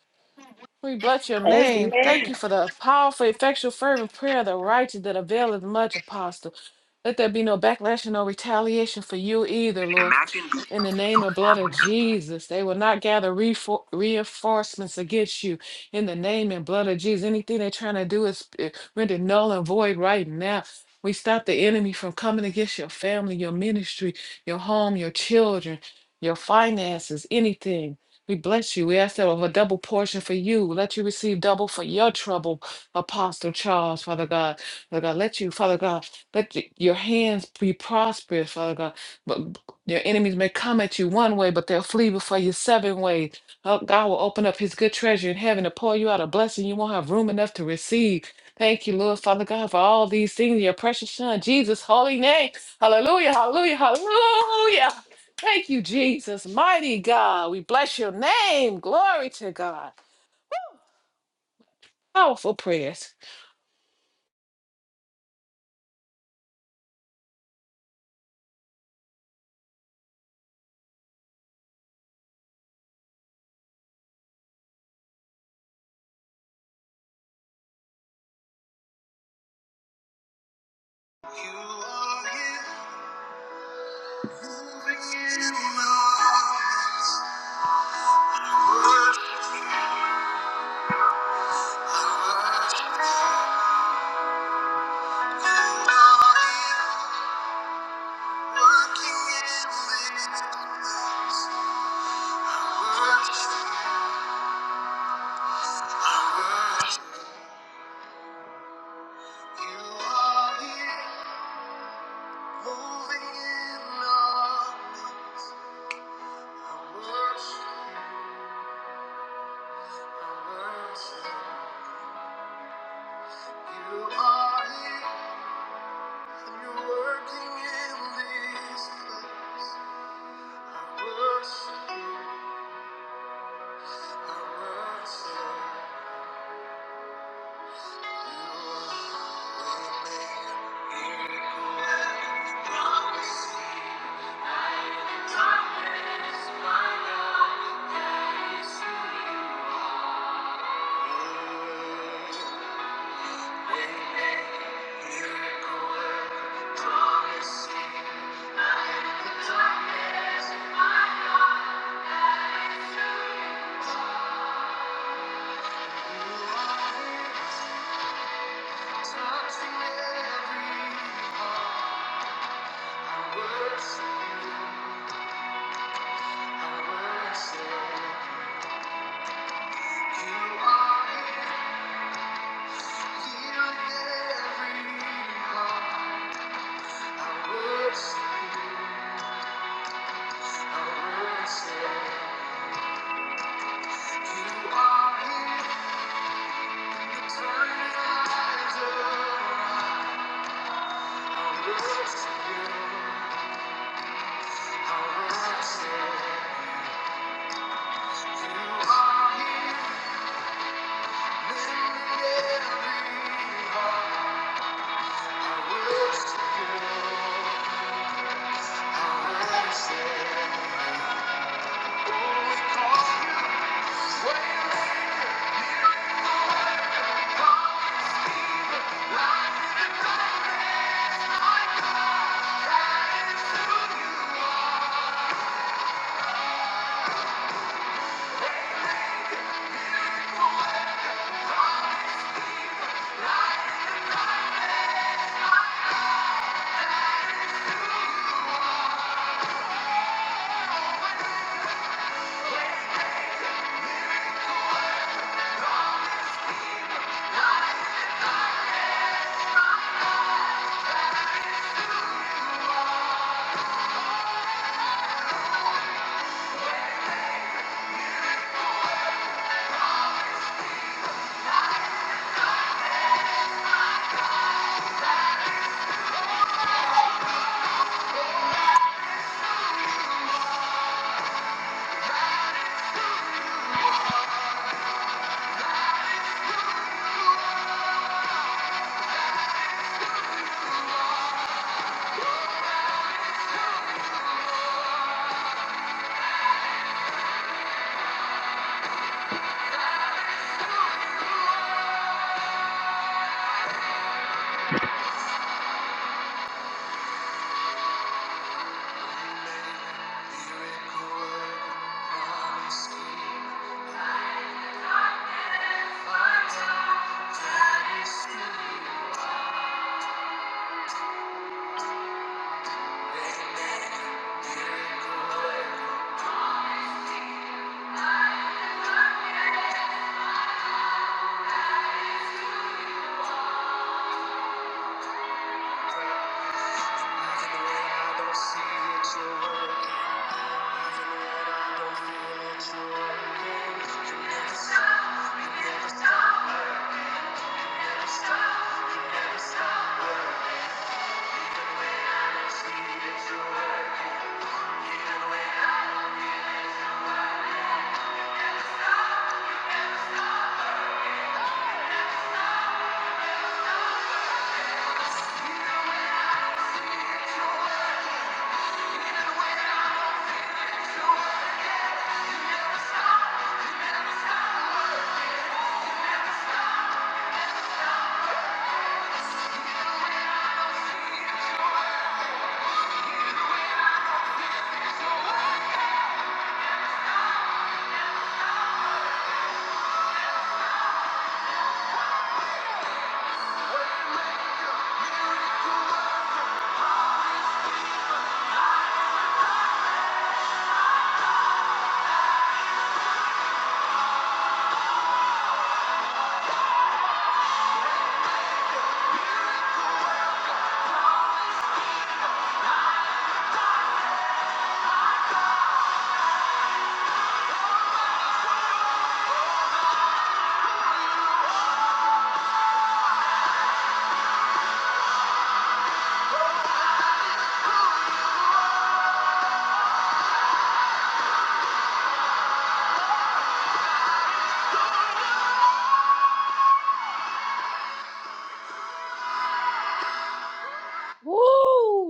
We bless your name. Thank Amen. you for the powerful, effectual, fervent prayer of the righteous that availeth much, Apostle. Let there be no backlash and no retaliation for you either, Lord. In the name and blood of Jesus, they will not gather refor- reinforcements against you. In the name and blood of Jesus, anything they're trying to do is eh, rendered null and void right now. We stop the enemy from coming against your family, your ministry, your home, your children, your finances, anything. We bless you. We ask that of a double portion for you. Let you receive double for your trouble, Apostle Charles, Father God. Father God, let you, Father God, let y- your hands be prosperous, Father God. But your enemies may come at you one way, but they'll flee before you seven ways. Oh, God will open up his good treasure in heaven to pour you out a blessing you won't have room enough to receive. Thank you, Lord, Father God, for all these things in your precious Son, Jesus' holy name. Hallelujah, hallelujah, hallelujah. Thank you, Jesus. Mighty God. We bless your name. Glory to God. Powerful prayers. You are here, moving in our midst. Walking in wilderness, I worship I worship you. are here, moving in on I worship I worship you. are here, and you're working in this place. I worship, I worship. Thank you. are Touching every heart. I worship you. I worship you. You are here, Healing every heart. I worship you. I worship you. You are it. Turning lives around. I worship you. I worship you. are it. Woo!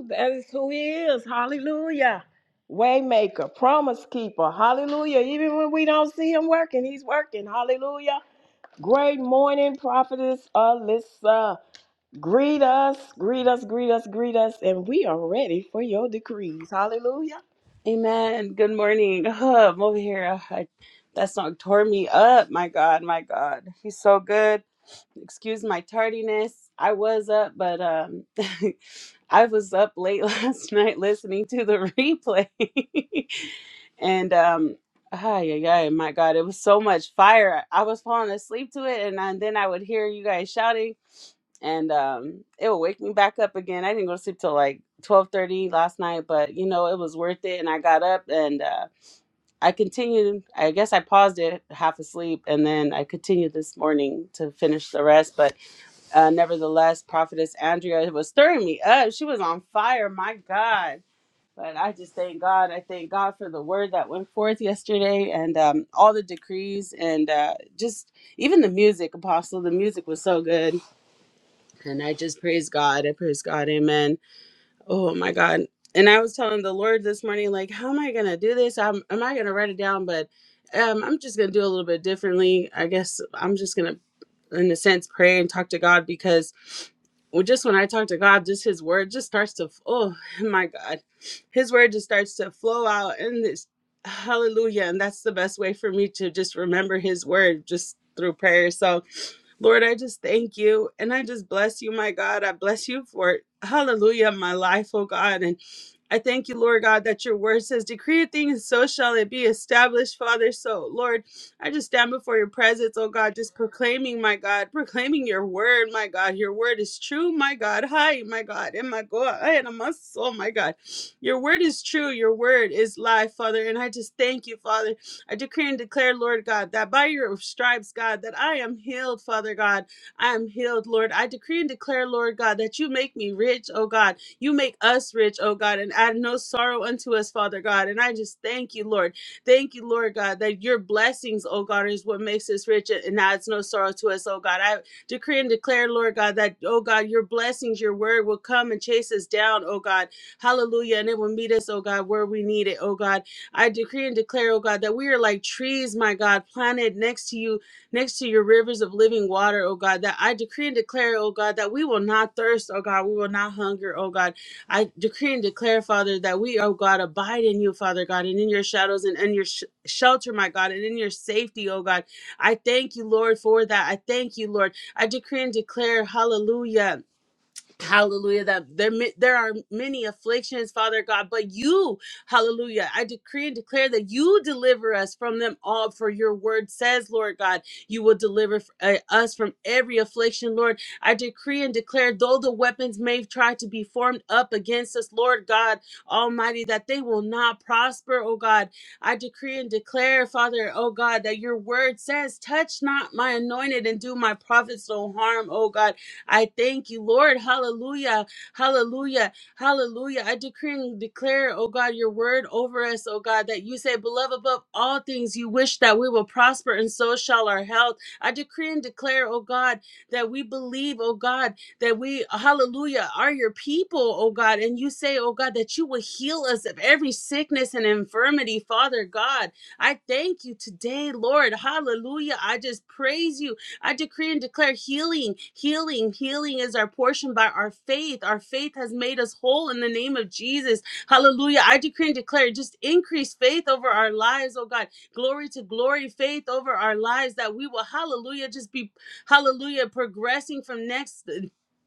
That is who he is. Hallelujah. Waymaker, promise keeper. Hallelujah. Even when we don't see him working, he's working. Hallelujah. Great morning, prophetess Alyssa. Greet us, greet us, greet us, greet us, and we are ready for your decrees. Hallelujah. Amen. Good morning. Oh, I'm over here. Ah, I, that song tore me up. My God, my God. He's so good. Excuse my tardiness. I was up, but um I was up late last night listening to the replay. and um ay, ay, ay, my God, it was so much fire. I was falling asleep to it and, and then I would hear you guys shouting and um it will wake me back up again i didn't go to sleep till like twelve thirty last night but you know it was worth it and i got up and uh i continued i guess i paused it half asleep and then i continued this morning to finish the rest but uh nevertheless prophetess andrea was stirring me up she was on fire my god but I just thank God. I thank God for the word that went forth yesterday and um, all the decrees and uh, just even the music, Apostle. The music was so good. And I just praise God. I praise God. Amen. Oh my God. And I was telling the Lord this morning, like, how am I gonna do this? I'm am I gonna write it down? But um, I'm just gonna do a little bit differently. I guess I'm just gonna in a sense pray and talk to God because well, just when I talk to God, just His word just starts to, oh my God, His word just starts to flow out in this hallelujah. And that's the best way for me to just remember His word just through prayer. So, Lord, I just thank you and I just bless you, my God. I bless you for hallelujah, my life, oh God. And I thank you, Lord God, that your word says, Decree a thing, and so shall it be established, Father. So, Lord, I just stand before your presence, oh God, just proclaiming, my God, proclaiming your word, my God. Your word is true, my God. Hi, my God. And my God, I had a muscle, my God. Your word is true. Your word is life, Father. And I just thank you, Father. I decree and declare, Lord God, that by your stripes, God, that I am healed, Father God. I am healed, Lord. I decree and declare, Lord God, that you make me rich, oh God. You make us rich, oh God, and add no sorrow unto us, Father God. And I just thank you, Lord. Thank you, Lord God, that your blessings, oh God, is what makes us rich and adds no sorrow to us, oh God. I decree and declare, Lord God, that, oh God, your blessings, your word will come and chase us down, oh God. Hallelujah. And it will meet us, oh God, where we need it, oh God. I decree and declare, oh God, that we are like trees, my God, planted next to you, next to your rivers of living water, oh God. That I decree and declare, oh God, that we will not thirst, oh God, we will not hunger, oh God. I decree and declare, Father, that we, oh God, abide in you, Father God, and in your shadows and in your sh- shelter, my God, and in your safety, oh God. I thank you, Lord, for that. I thank you, Lord. I decree and declare, hallelujah Hallelujah. That there mi- there are many afflictions, Father God, but you, hallelujah. I decree and declare that you deliver us from them all for your word says, Lord God, you will deliver f- uh, us from every affliction, Lord. I decree and declare though the weapons may try to be formed up against us, Lord God Almighty, that they will not prosper, oh God. I decree and declare, Father, oh God, that your word says, touch not my anointed and do my prophets no harm, oh God. I thank you, Lord. Hallelujah. Hallelujah. Hallelujah. I decree and declare, oh God, your word over us, oh God, that you say, beloved, above all things, you wish that we will prosper, and so shall our health. I decree and declare, oh God, that we believe, oh God, that we, hallelujah, are your people, oh God. And you say, oh God, that you will heal us of every sickness and infirmity, Father God. I thank you today, Lord. Hallelujah. I just praise you. I decree and declare healing, healing, healing is our portion by our faith. Our faith has made us whole in the name of Jesus. Hallelujah. I decree and declare just increase faith over our lives, oh God. Glory to glory, faith over our lives that we will, hallelujah, just be, hallelujah, progressing from next.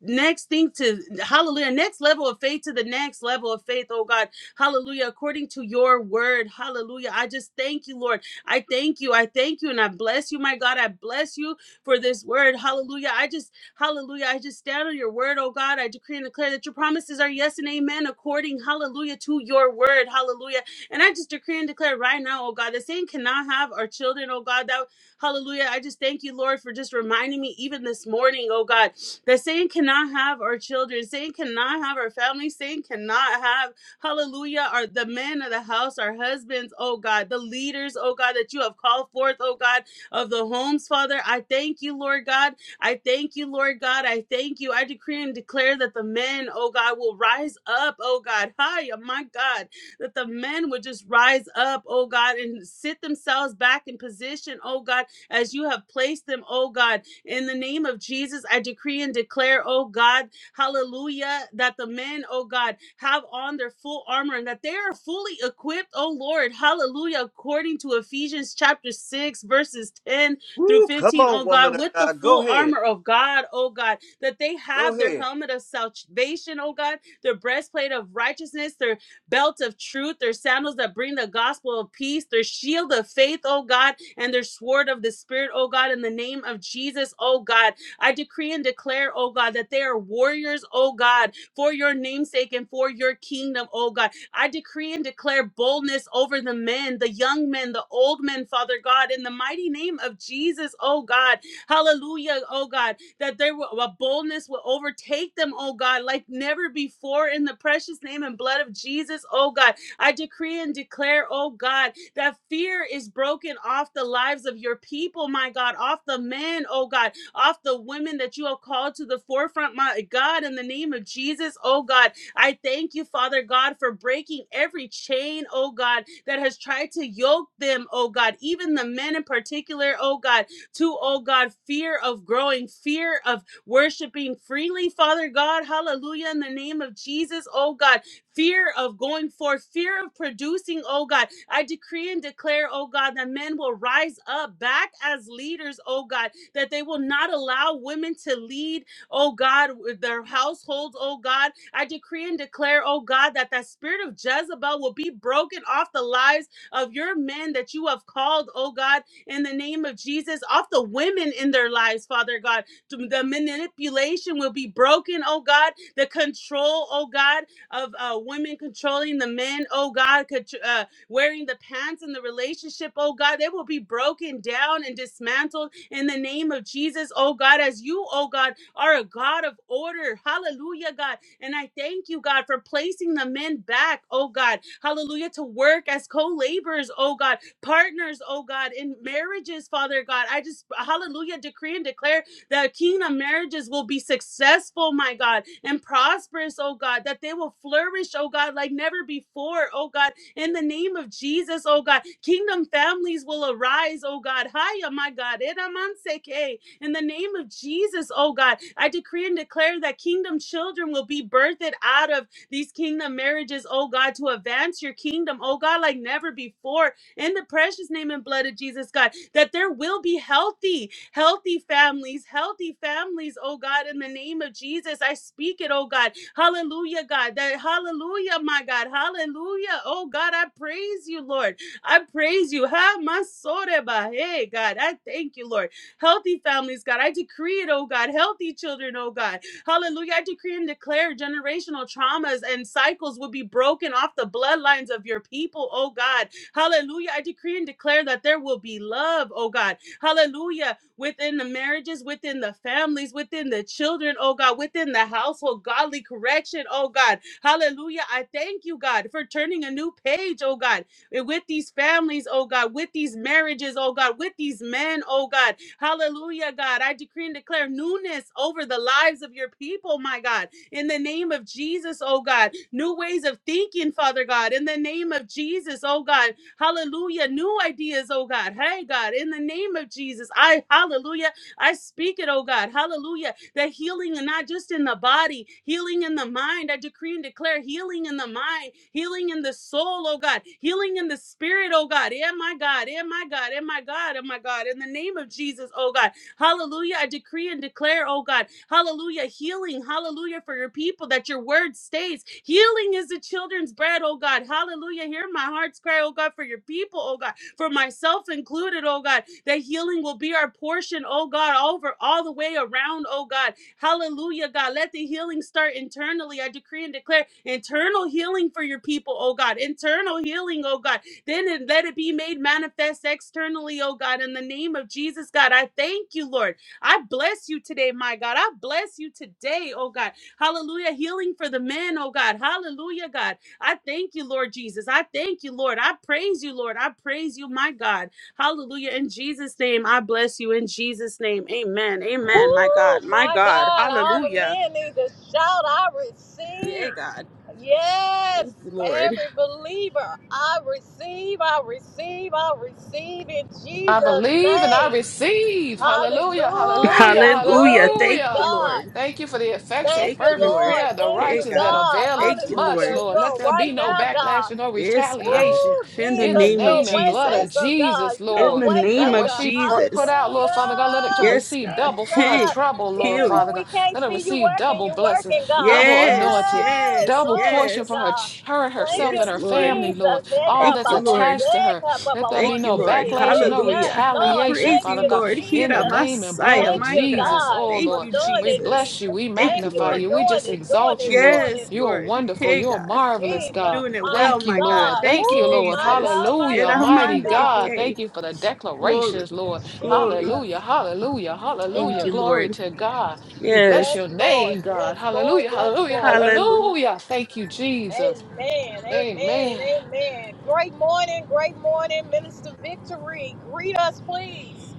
Next thing to hallelujah, next level of faith to the next level of faith, oh God, hallelujah, according to your word, hallelujah. I just thank you, Lord. I thank you, I thank you, and I bless you, my God. I bless you for this word. Hallelujah. I just, hallelujah. I just stand on your word, oh God. I decree and declare that your promises are yes and amen according, hallelujah, to your word. Hallelujah. And I just decree and declare right now, oh God, that Satan cannot have our children, oh God. That hallelujah. I just thank you, Lord, for just reminding me even this morning, oh God, that Satan cannot have our children, Satan cannot have our family, Satan cannot have, hallelujah, our the men of the house, our husbands, oh God, the leaders, oh God, that you have called forth, oh God of the homes, Father. I thank you, Lord God. I thank you, Lord God. I thank you. I decree and declare that the men, oh God, will rise up, oh God. Hi, oh my God. That the men would just rise up, oh God, and sit themselves back in position, oh God, as you have placed them, oh God. In the name of Jesus, I decree and declare, oh God, Hallelujah. That the men, oh God, have on their full armor and that they are fully equipped, oh Lord. Hallelujah. According to Ephesians chapter 6, verses 10 through 15, O God, with the full armor Yeah. of God, oh God, that they have their helmet of salvation, oh God, their breastplate of righteousness, their belt of truth, their sandals that bring the gospel of peace, their shield of faith, oh God, and their sword of the spirit, oh God, in the name of Jesus, oh God. I decree and declare, oh God, that they are warriors, oh God, for your namesake and for your kingdom, oh God. I decree and declare boldness over the men, the young men, the old men, Father God, in the mighty name of Jesus, oh God. Hallelujah, oh God, that there will a boldness will overtake them, oh God, like never before in the precious name and blood of Jesus, oh God. I decree and declare, oh God, that fear is broken off the lives of your people, my God, off the men, oh God off the women that you have called to the forefront, my God, in the name of Jesus, oh God. I thank you, Father God, for breaking every chain, oh God, that has tried to yoke them, oh God, even the men in particular, oh God, to, oh God, fear of growing, fear of worshiping freely, Father God, hallelujah, in the name of Jesus, oh God, fear of going forth, fear of producing, oh God. I decree and declare, oh God, that men will rise up back as leaders, oh God, that they will not allow women to lead, oh God, their households, oh God. I decree and declare, oh God, that that spirit of Jezebel will be broken off the lives of your men that you have called, oh God, in the name of Jesus, off the women in their lives, Father God. The manipulation will be broken, oh God. The control, oh God, of uh, women controlling the men, oh God, contr- uh, wearing the pants in the relationship, oh God. They will be broken down and dismantled in the name of Jesus, oh God, as you, oh God, are a God of order. Hallelujah, God. And I thank you, God, for placing the men back, oh God. Hallelujah, to work as co laborers, oh God, partners, oh God, in marriages, Father God. I just, hallelujah, decree and declare that kingdom marriages will be successful, my God, and prosperous, oh God, that they will flourish, oh God, like never before, oh God, in the name of Jesus, oh God. Kingdom families will arise, oh God. Hiya, my God. Edamanseke. In the name of Jesus, oh God. I decree and declare that kingdom children will be birthed out of these kingdom marriages, oh God, to advance your kingdom, oh God, like never before in the precious name and blood of Jesus, God, that there will be healthy, healthy families, healthy families, oh God, in the name of Jesus. I speak it, oh God. Hallelujah, God. That hallelujah, my God. Hallelujah. Oh God, I praise you, Lord. I praise you. Ha masoreba. Hey, God. I thank you, Lord. Healthy families, God. I decree it, oh God. Healthy children, oh God. Hallelujah. I decree and declare generational traumas and cycles will be broken off the bloodlines of your people, oh God. Hallelujah. I decree and declare that there will be love, oh God. Hallelujah. Within the marriages, within the families, within the children, oh God, within the household, godly correction, oh God. Hallelujah. I thank you, God, for turning a new page, oh God with these families, oh God, with these marriages, oh God, with these men, oh God. Hallelujah, God. I decree and declare newness over the lives of your people, my God. In the name of Jesus, oh God. New ways of thinking, Father God. In the name of Jesus, oh God. Hallelujah. New ideas, oh God. Hey, God, in the name of Jesus, I, hallelujah, I speak it, oh God. Hallelujah. That healing, and not just in the body, healing in the mind. I decree and declare healing in the mind, healing in the soul, oh God, healing in the spirit, oh God. Yeah, my God. Yeah, my God. Yeah, my God. Oh my God. In the name of Jesus, oh God. Hallelujah. I decree and declare, oh God, hallelujah, healing. Hallelujah for your people that your word stays. Healing is the children's bread, oh God. Hallelujah. Hear my heart's cry, oh God, for your people, oh God, for myself included, oh God, that healing will be our portion, oh God, over all the way around, oh God. Hallelujah, God. Let the healing start internally. I decree and declare internal healing for your people, oh God. Internal healing, oh God then it, let it be made manifest externally, oh God, in the name of Jesus, God. I thank you, Lord. I bless you today, my God. I bless you today, oh God. Hallelujah. Healing for the men, oh God. Hallelujah, God. I thank you, Lord Jesus. I thank you, Lord. I praise you, Lord. I praise you, my God. Hallelujah. In Jesus' name, I bless you. In Jesus' name, amen. Amen, my Woo, God. My my God. God, all the Hallelujah. men need to shout, I receive. Yeah, God. Yes, Thank you, Lord. every believer, I receive, I receive, I receive in I Jesus' believe and I name. receive. Hallelujah, hallelujah, Hallelujah, Hallelujah. glory to Thank you, hallelujah. Lord. God. Thank you for the effectual, Thank Thank you, you, fervent Lord. Lord. prayer of the Thank you, Hey, righteous that God. God. Thank availeth you, much, Hallelujah. Lord. Lord. Let You're there be right no now, God. backlash and no Yes, God. retaliation Ooh, In the in the Jesus, name you're a of name and way blood of Jesus. maker, God. Jesus, You're a In Lord. the way name That what of maker. she pr- put Jesus. out, Lord Father God, let her to Hallelujah. Yes, receive God. double for her Hey, Jesus. God. trouble, Lord Even Healing. Father when we God. can't Let her see you receive working, double you're blessings, working, God. double Yes, anointing, Hey, yes, double glory portion to for yes. her, God. ch- her and Thank herself you, and Yes, her Lord. family, Lord. Jesus. Hey, All Thank come that's you, on, Lord. attached to Jose, her. come Let there Thank be on, you, no Jose. Lord. backlash and Hey, no Yes, Hallelujah. I Lord. retaliation, praise Thank you, Father you, God. Lord. In Hira the Jesus. name and blood Messiah, of Thank my you, God. Jesus, God, oh Thank for Lord, you, doing we it, Jesus. bless you. Jesus. We Thank Thank you, you magnify for Lord. you. We doing just it, doing exalt it, you, Lord. doing it. Yes, You are Lord. wonderful. Hey, You are God. marvelous, Jesus, God. Doing it my well, Thank you, my God. Lord. God. Thank Thank you, you, oh Lord. my Jesus. God, my In Hallelujah. a God, my Mighty God. God. Hey, Thank you for the declarations, glory, Lord. glory. Jesus. Hallelujah. Hallelujah. Thank Hallelujah. you, Mm. Glory Lord. to God. We bless Yes. Yes, your Lord. name, Yes, God. Lord. Hallelujah. Yes, Hallelujah. Lord. Hallelujah. Hallelujah. Thank you, Jesus. Amen. Amen and Amen. amen. Great morning. Great morning, Minister Victory. Greet us, please.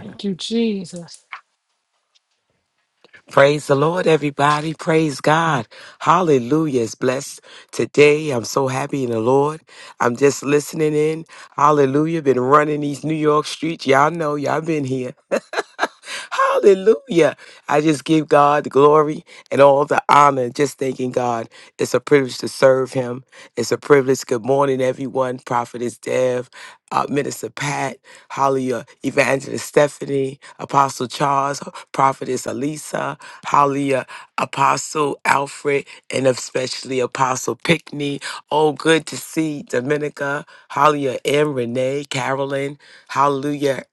Thank you, Jesus. Praise the Lord, everybody. Praise God. Hallelujah. It's blessed today. I'm so happy in the Lord. I'm just listening in. Hallelujah. Been running these New York streets. Y'all know, y'all been here. Hallelujah. I just give God the glory and all the honor. Just thanking God. It's a privilege to serve Him. It's a privilege. Good morning, everyone. Prophetess Dev, uh, Minister Pat, Hallelujah, Evangelist Stephanie, Apostle Charles, Prophetess Elisa, Hallelujah, Apostle Alfred, and especially Apostle Pickney. Oh, good to see Dominica, Hallelujah, and Renee, Carolyn, Hallelujah.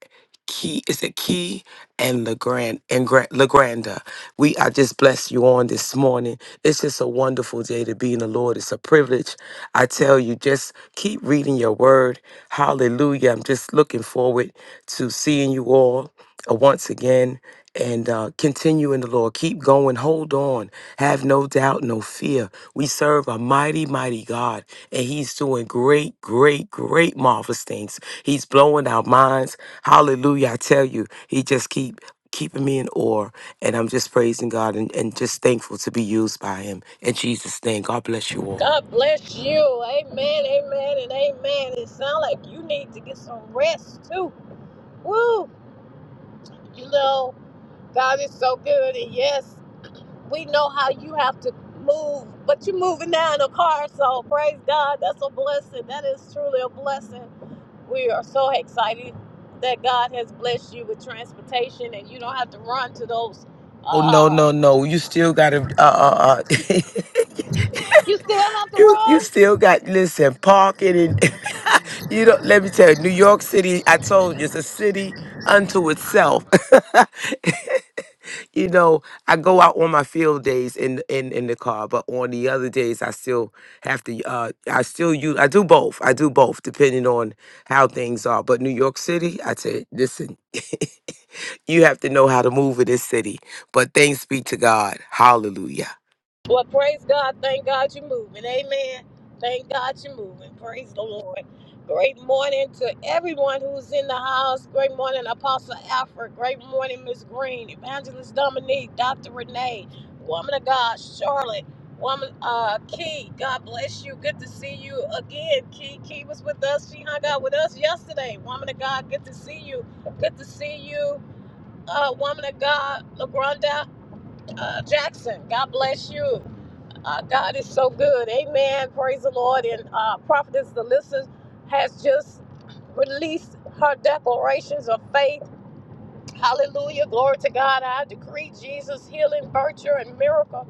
Key is it Key and Legrand and Gra- Legranda. We I just bless you on this morning. It's just a wonderful day to be in the Lord. It's a privilege. I tell you, just keep reading your word. Hallelujah. I'm just looking forward to seeing you all uh, once again and uh, continue in the Lord. Keep going. Hold on. Have no doubt, no fear. We serve a mighty, mighty God, and He's doing great, great, great, marvelous things. He's blowing our minds. Hallelujah. I tell you, he just keep keeping me in awe. And I'm just praising God and, and just thankful to be used by him. In Jesus' name, God bless you all. God bless you. Amen. Amen and amen. It sounds like you need to get some rest too. Woo. You know, God is so good. And yes. we know how you have to move, but you're moving now in a car. So praise God. That's a blessing. That is truly a blessing. We are so excited that God has blessed you with transportation and you don't have to run to those. Oh, no, Um, no, no. You still got to. Uh, uh, uh. you still have to You you run. still got listen parking and you don't let me tell you New York City. I told you it's a city unto itself. you know I go out on my field days in in in the car, but on the other days I still have to. Uh, I still use I do both. I do both depending on how things are. But New York City, I tell you, listen, you have to know how to move in this city. But thanks be to God, Hallelujah. Well, praise God. Thank God you're moving. Amen. Thank God you're moving. Praise the Lord. Great morning to everyone who's in the house. Great morning, Apostle Alfred. Great morning, Miss Green, Evangelist Dominique, Dr. Renee, Woman of God, Charlotte, Woman uh Key. God bless you. Good to see you again. Key Key was with us. She hung out with us yesterday. Woman of God, good to see you. Good to see you. Uh, woman of God, LaGronda uh, Jackson. God bless you. Uh, God is so good. Amen. Praise the Lord. And uh, Prophetess Alyssa has just released her declarations of faith. Hallelujah. Glory to God. I decree Jesus' healing virtue and miracle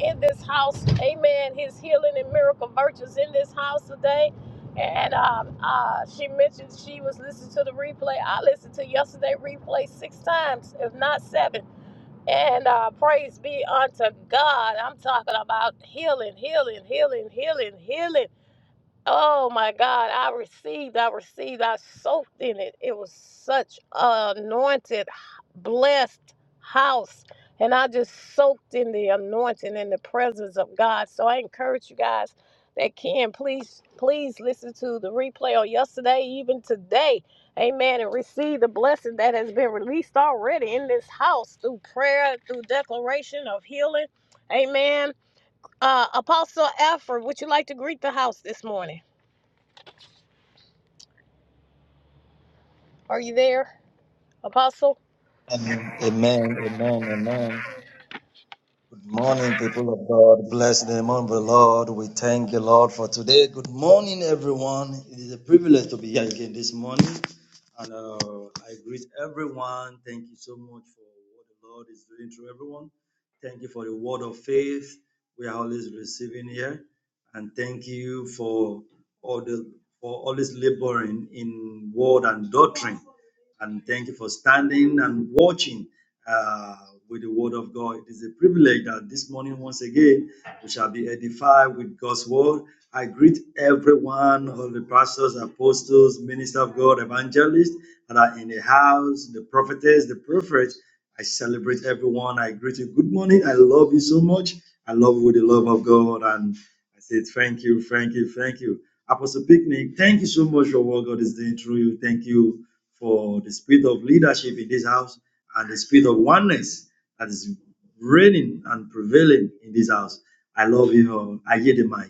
in this house. Amen. His healing and miracle virtues in this house today. And um, uh, she mentioned she was listening to the replay. I listened to yesterday replay six times, if not seven. And uh, praise be unto God. I'm talking about healing, healing, healing, healing, healing. Oh my God, I received, I received, I soaked in it. It was such an anointed, blessed house. And I just soaked in the anointing and the presence of God. So I encourage you guys that can please, please listen to the replay on yesterday, even today. Amen. And receive the blessing that has been released already in this house through prayer, through declaration of healing. Amen. Uh, Apostle Alfred, would you like to greet the house this morning? Are you there, Apostle? Amen, amen, amen. amen. Good morning, people of God. Bless the name of the Lord. We thank the Lord for today. Good morning, everyone. It is a privilege to be here again this morning. And uh, I greet everyone. Thank you so much for what the Lord is doing through everyone. Thank you for the word of faith we are always receiving here. And thank you for all the for always laboring in word and doctrine and thank you for standing and watching uh, with the Word of God. It is a privilege that this morning, once again, we shall be edified with God's Word. I greet everyone, all the pastors, apostles, ministers of God, evangelists that are in the house, the prophetess, the prophets. I celebrate everyone. I greet you. Good morning. I love you so much. I love you with the love of God. And I say thank you, thank you, thank you. Apostle Picnic, thank you so much for what God is doing through you. Thank you for the spirit of leadership in this house and the spirit of oneness that is reigning and prevailing in this house. I love you all. I hear the mic.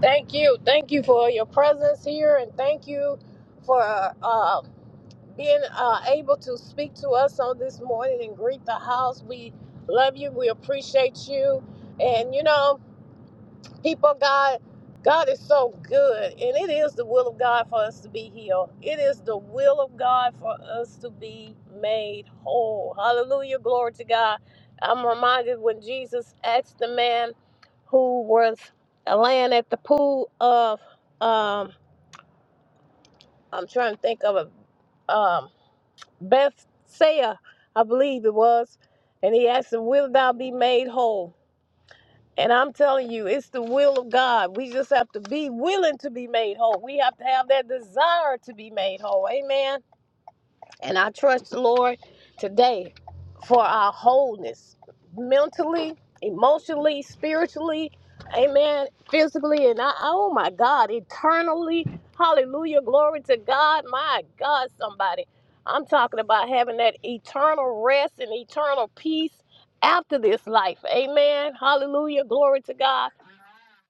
Thank you. Thank you for your presence here, and thank you for uh, uh, being uh, able to speak to us on this morning and greet the house. We love you. We appreciate you. And, you know, People, God, God is so good, and it is the will of God for us to be healed. It is the will of God for us to be made whole. Hallelujah, glory to God. I'm reminded when Jesus asked the man who was laying at the pool of, um, I'm trying to think of a um, Bethsaida, I believe it was, and he asked him, "Will thou be made whole?" And I'm telling you, it's the will of God. We just have to be willing to be made whole. We have to have that desire to be made whole. Amen. And I trust the Lord today for our wholeness mentally, emotionally, spiritually, amen, physically, and I, oh my God, eternally. Hallelujah. Glory to God. My God, somebody. I'm talking about having that eternal rest and eternal peace after this life. Amen. Hallelujah. Glory to God.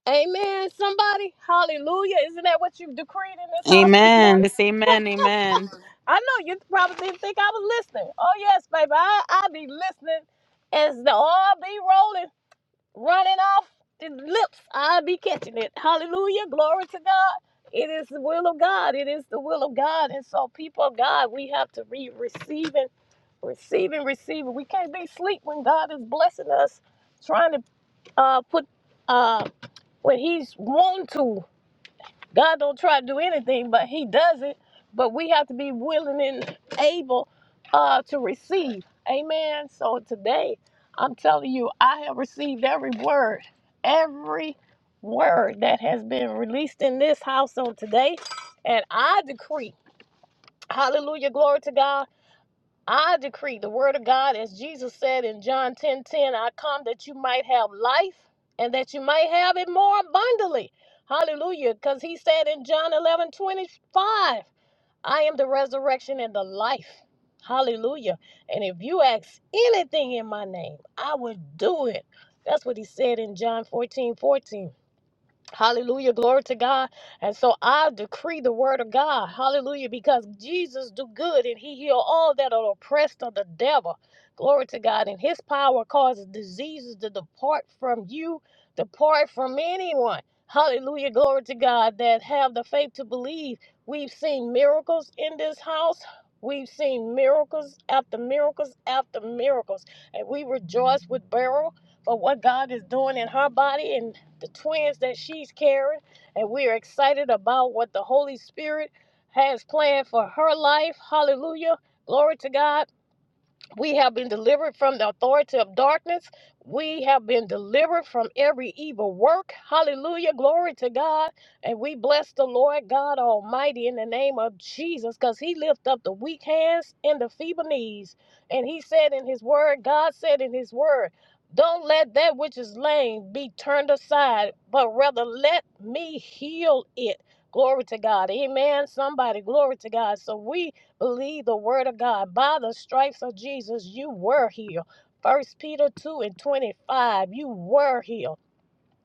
Amen. Somebody. Hallelujah. Isn't that what you've decreed in this house this Amen. morning? Yes, amen. Amen. I know you probably didn't think I was listening. Oh yes, baby, I I be listening as the oil be rolling, running off the lips. I be catching it. Hallelujah, glory to God. It is the will of God. It is the will of God. And so, people of God, we have to be receiving, receiving, receiving. We can't be asleep when God is blessing us, trying to uh, put uh, when He's wanting to. God don't try to do anything, but He does it. But we have to be willing and able uh, to receive. Amen. So today, I'm telling you, I have received every word, every word that has been released in this house on today. And I decree, hallelujah, glory to God. I decree the word of God, as Jesus said in John 10 10. I come that you might have life and that you might have it more abundantly. Hallelujah. Because he said in John eleven twenty five, I am the resurrection and the life. Hallelujah. And if you ask anything in my name, I will do it. That's what he said in John 14 14. Hallelujah. Glory to God. And so I decree the word of God. Hallelujah. Because Jesus do good and he heal all that are oppressed of the devil. Glory to God. And his power causes diseases to depart from you, depart from anyone. Hallelujah. Glory to God that have the faith to believe. We've seen miracles in this house. We've seen miracles after miracles after miracles. And we rejoice with Beryl for what God is doing in her body. and the twins that she's carrying, and we are excited about what the Holy Spirit has planned for her life. Hallelujah. Glory to God. We have been delivered from the authority of darkness. We have been delivered from every evil work. Hallelujah. Glory to God. And we bless the Lord God Almighty in the name of Jesus because He lifted up the weak hands and the feeble knees. And He said in His word, God said in His word, don't let that which is lame be turned aside, but rather let me heal it. Glory to God. Amen. Somebody, glory to God. So we Believe the word of God. By the stripes of Jesus, you were healed. First Peter 2 and 25, you were healed.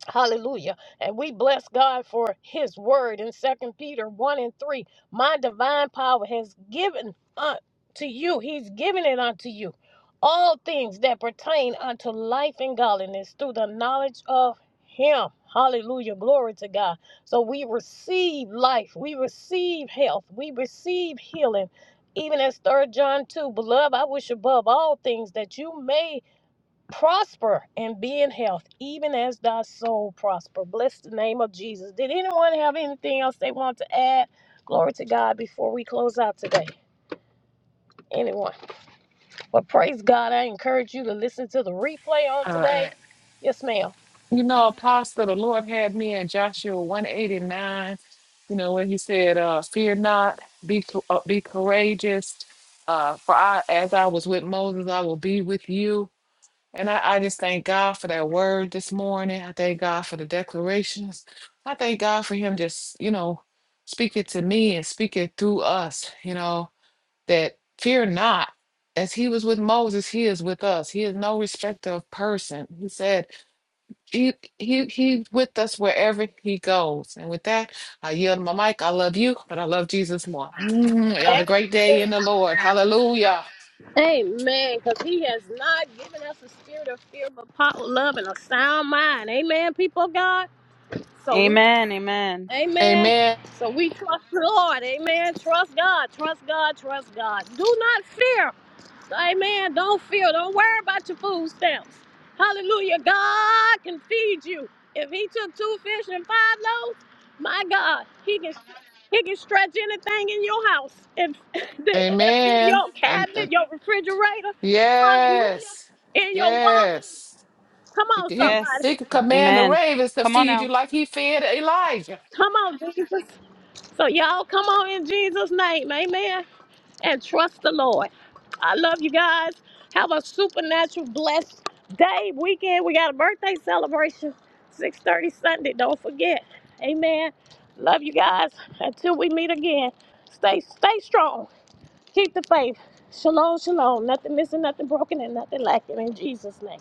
Hallelujah. And we bless God for his word in Second Peter 1 and 3. My divine power has given unto you, he's given it unto you, all things that pertain unto life and godliness through the knowledge of him. Hallelujah. Glory to God. So we receive life, we receive health, we receive healing. Even as Third John 2, beloved, I wish above all things that you may prosper and be in health, even as thy soul prosper. Bless the name of Jesus. Did anyone have anything else they want to add? Glory to God before we close out today. Anyone? But praise God, I encourage you to listen to the replay on today. Yes, ma'am. You know, Apostle, the Lord had me in Joshua 189, you know, when he said, uh, fear not, be, co- uh, be courageous. Uh, for I, as I was with Moses, I will be with you. And I, I just thank God for that word this morning. I thank God for the declarations. I thank God for him just, you know, speaking to me and speaking through us, you know, that fear not. As he was with Moses, he is with us. He is no respecter of person. He said, he he he's with us wherever he goes. And with that, I yield my mic. I love you, but I love Jesus more. Mm, you have a great day in the Lord. Hallelujah. Amen. Because he has not given us a spirit of fear, but power, love, and a sound mind. Amen, people of God. So we Amen. Amen. Amen. Amen. So we trust the Lord. Amen. Trust God. Trust God. Trust God. Do not fear. Amen. Don't fear. Don't worry about your food stamps. Hallelujah. God can feed you. If he took two fish and five loaves, my God, he can he can stretch anything in your house. If that's in Amen. your And, and cabinet, your refrigerator, hallelujah. yes, In your wallet. yes. Come He on, he somebody. Yes. he could command the Amen. ravens to Come on feed now. you like he fed Elijah. Come on, Jesus. So y'all come on in Jesus' name. Amen. and trust the Lord. I love you guys. Have a supernatural blessed day, weekend. We got a birthday celebration, 6:30 Sunday. Don't forget. Amen. Love you guys. Until we meet again, stay stay strong. Keep the faith. Shalom, shalom. Nothing missing, nothing broken, and nothing lacking in Jesus' name.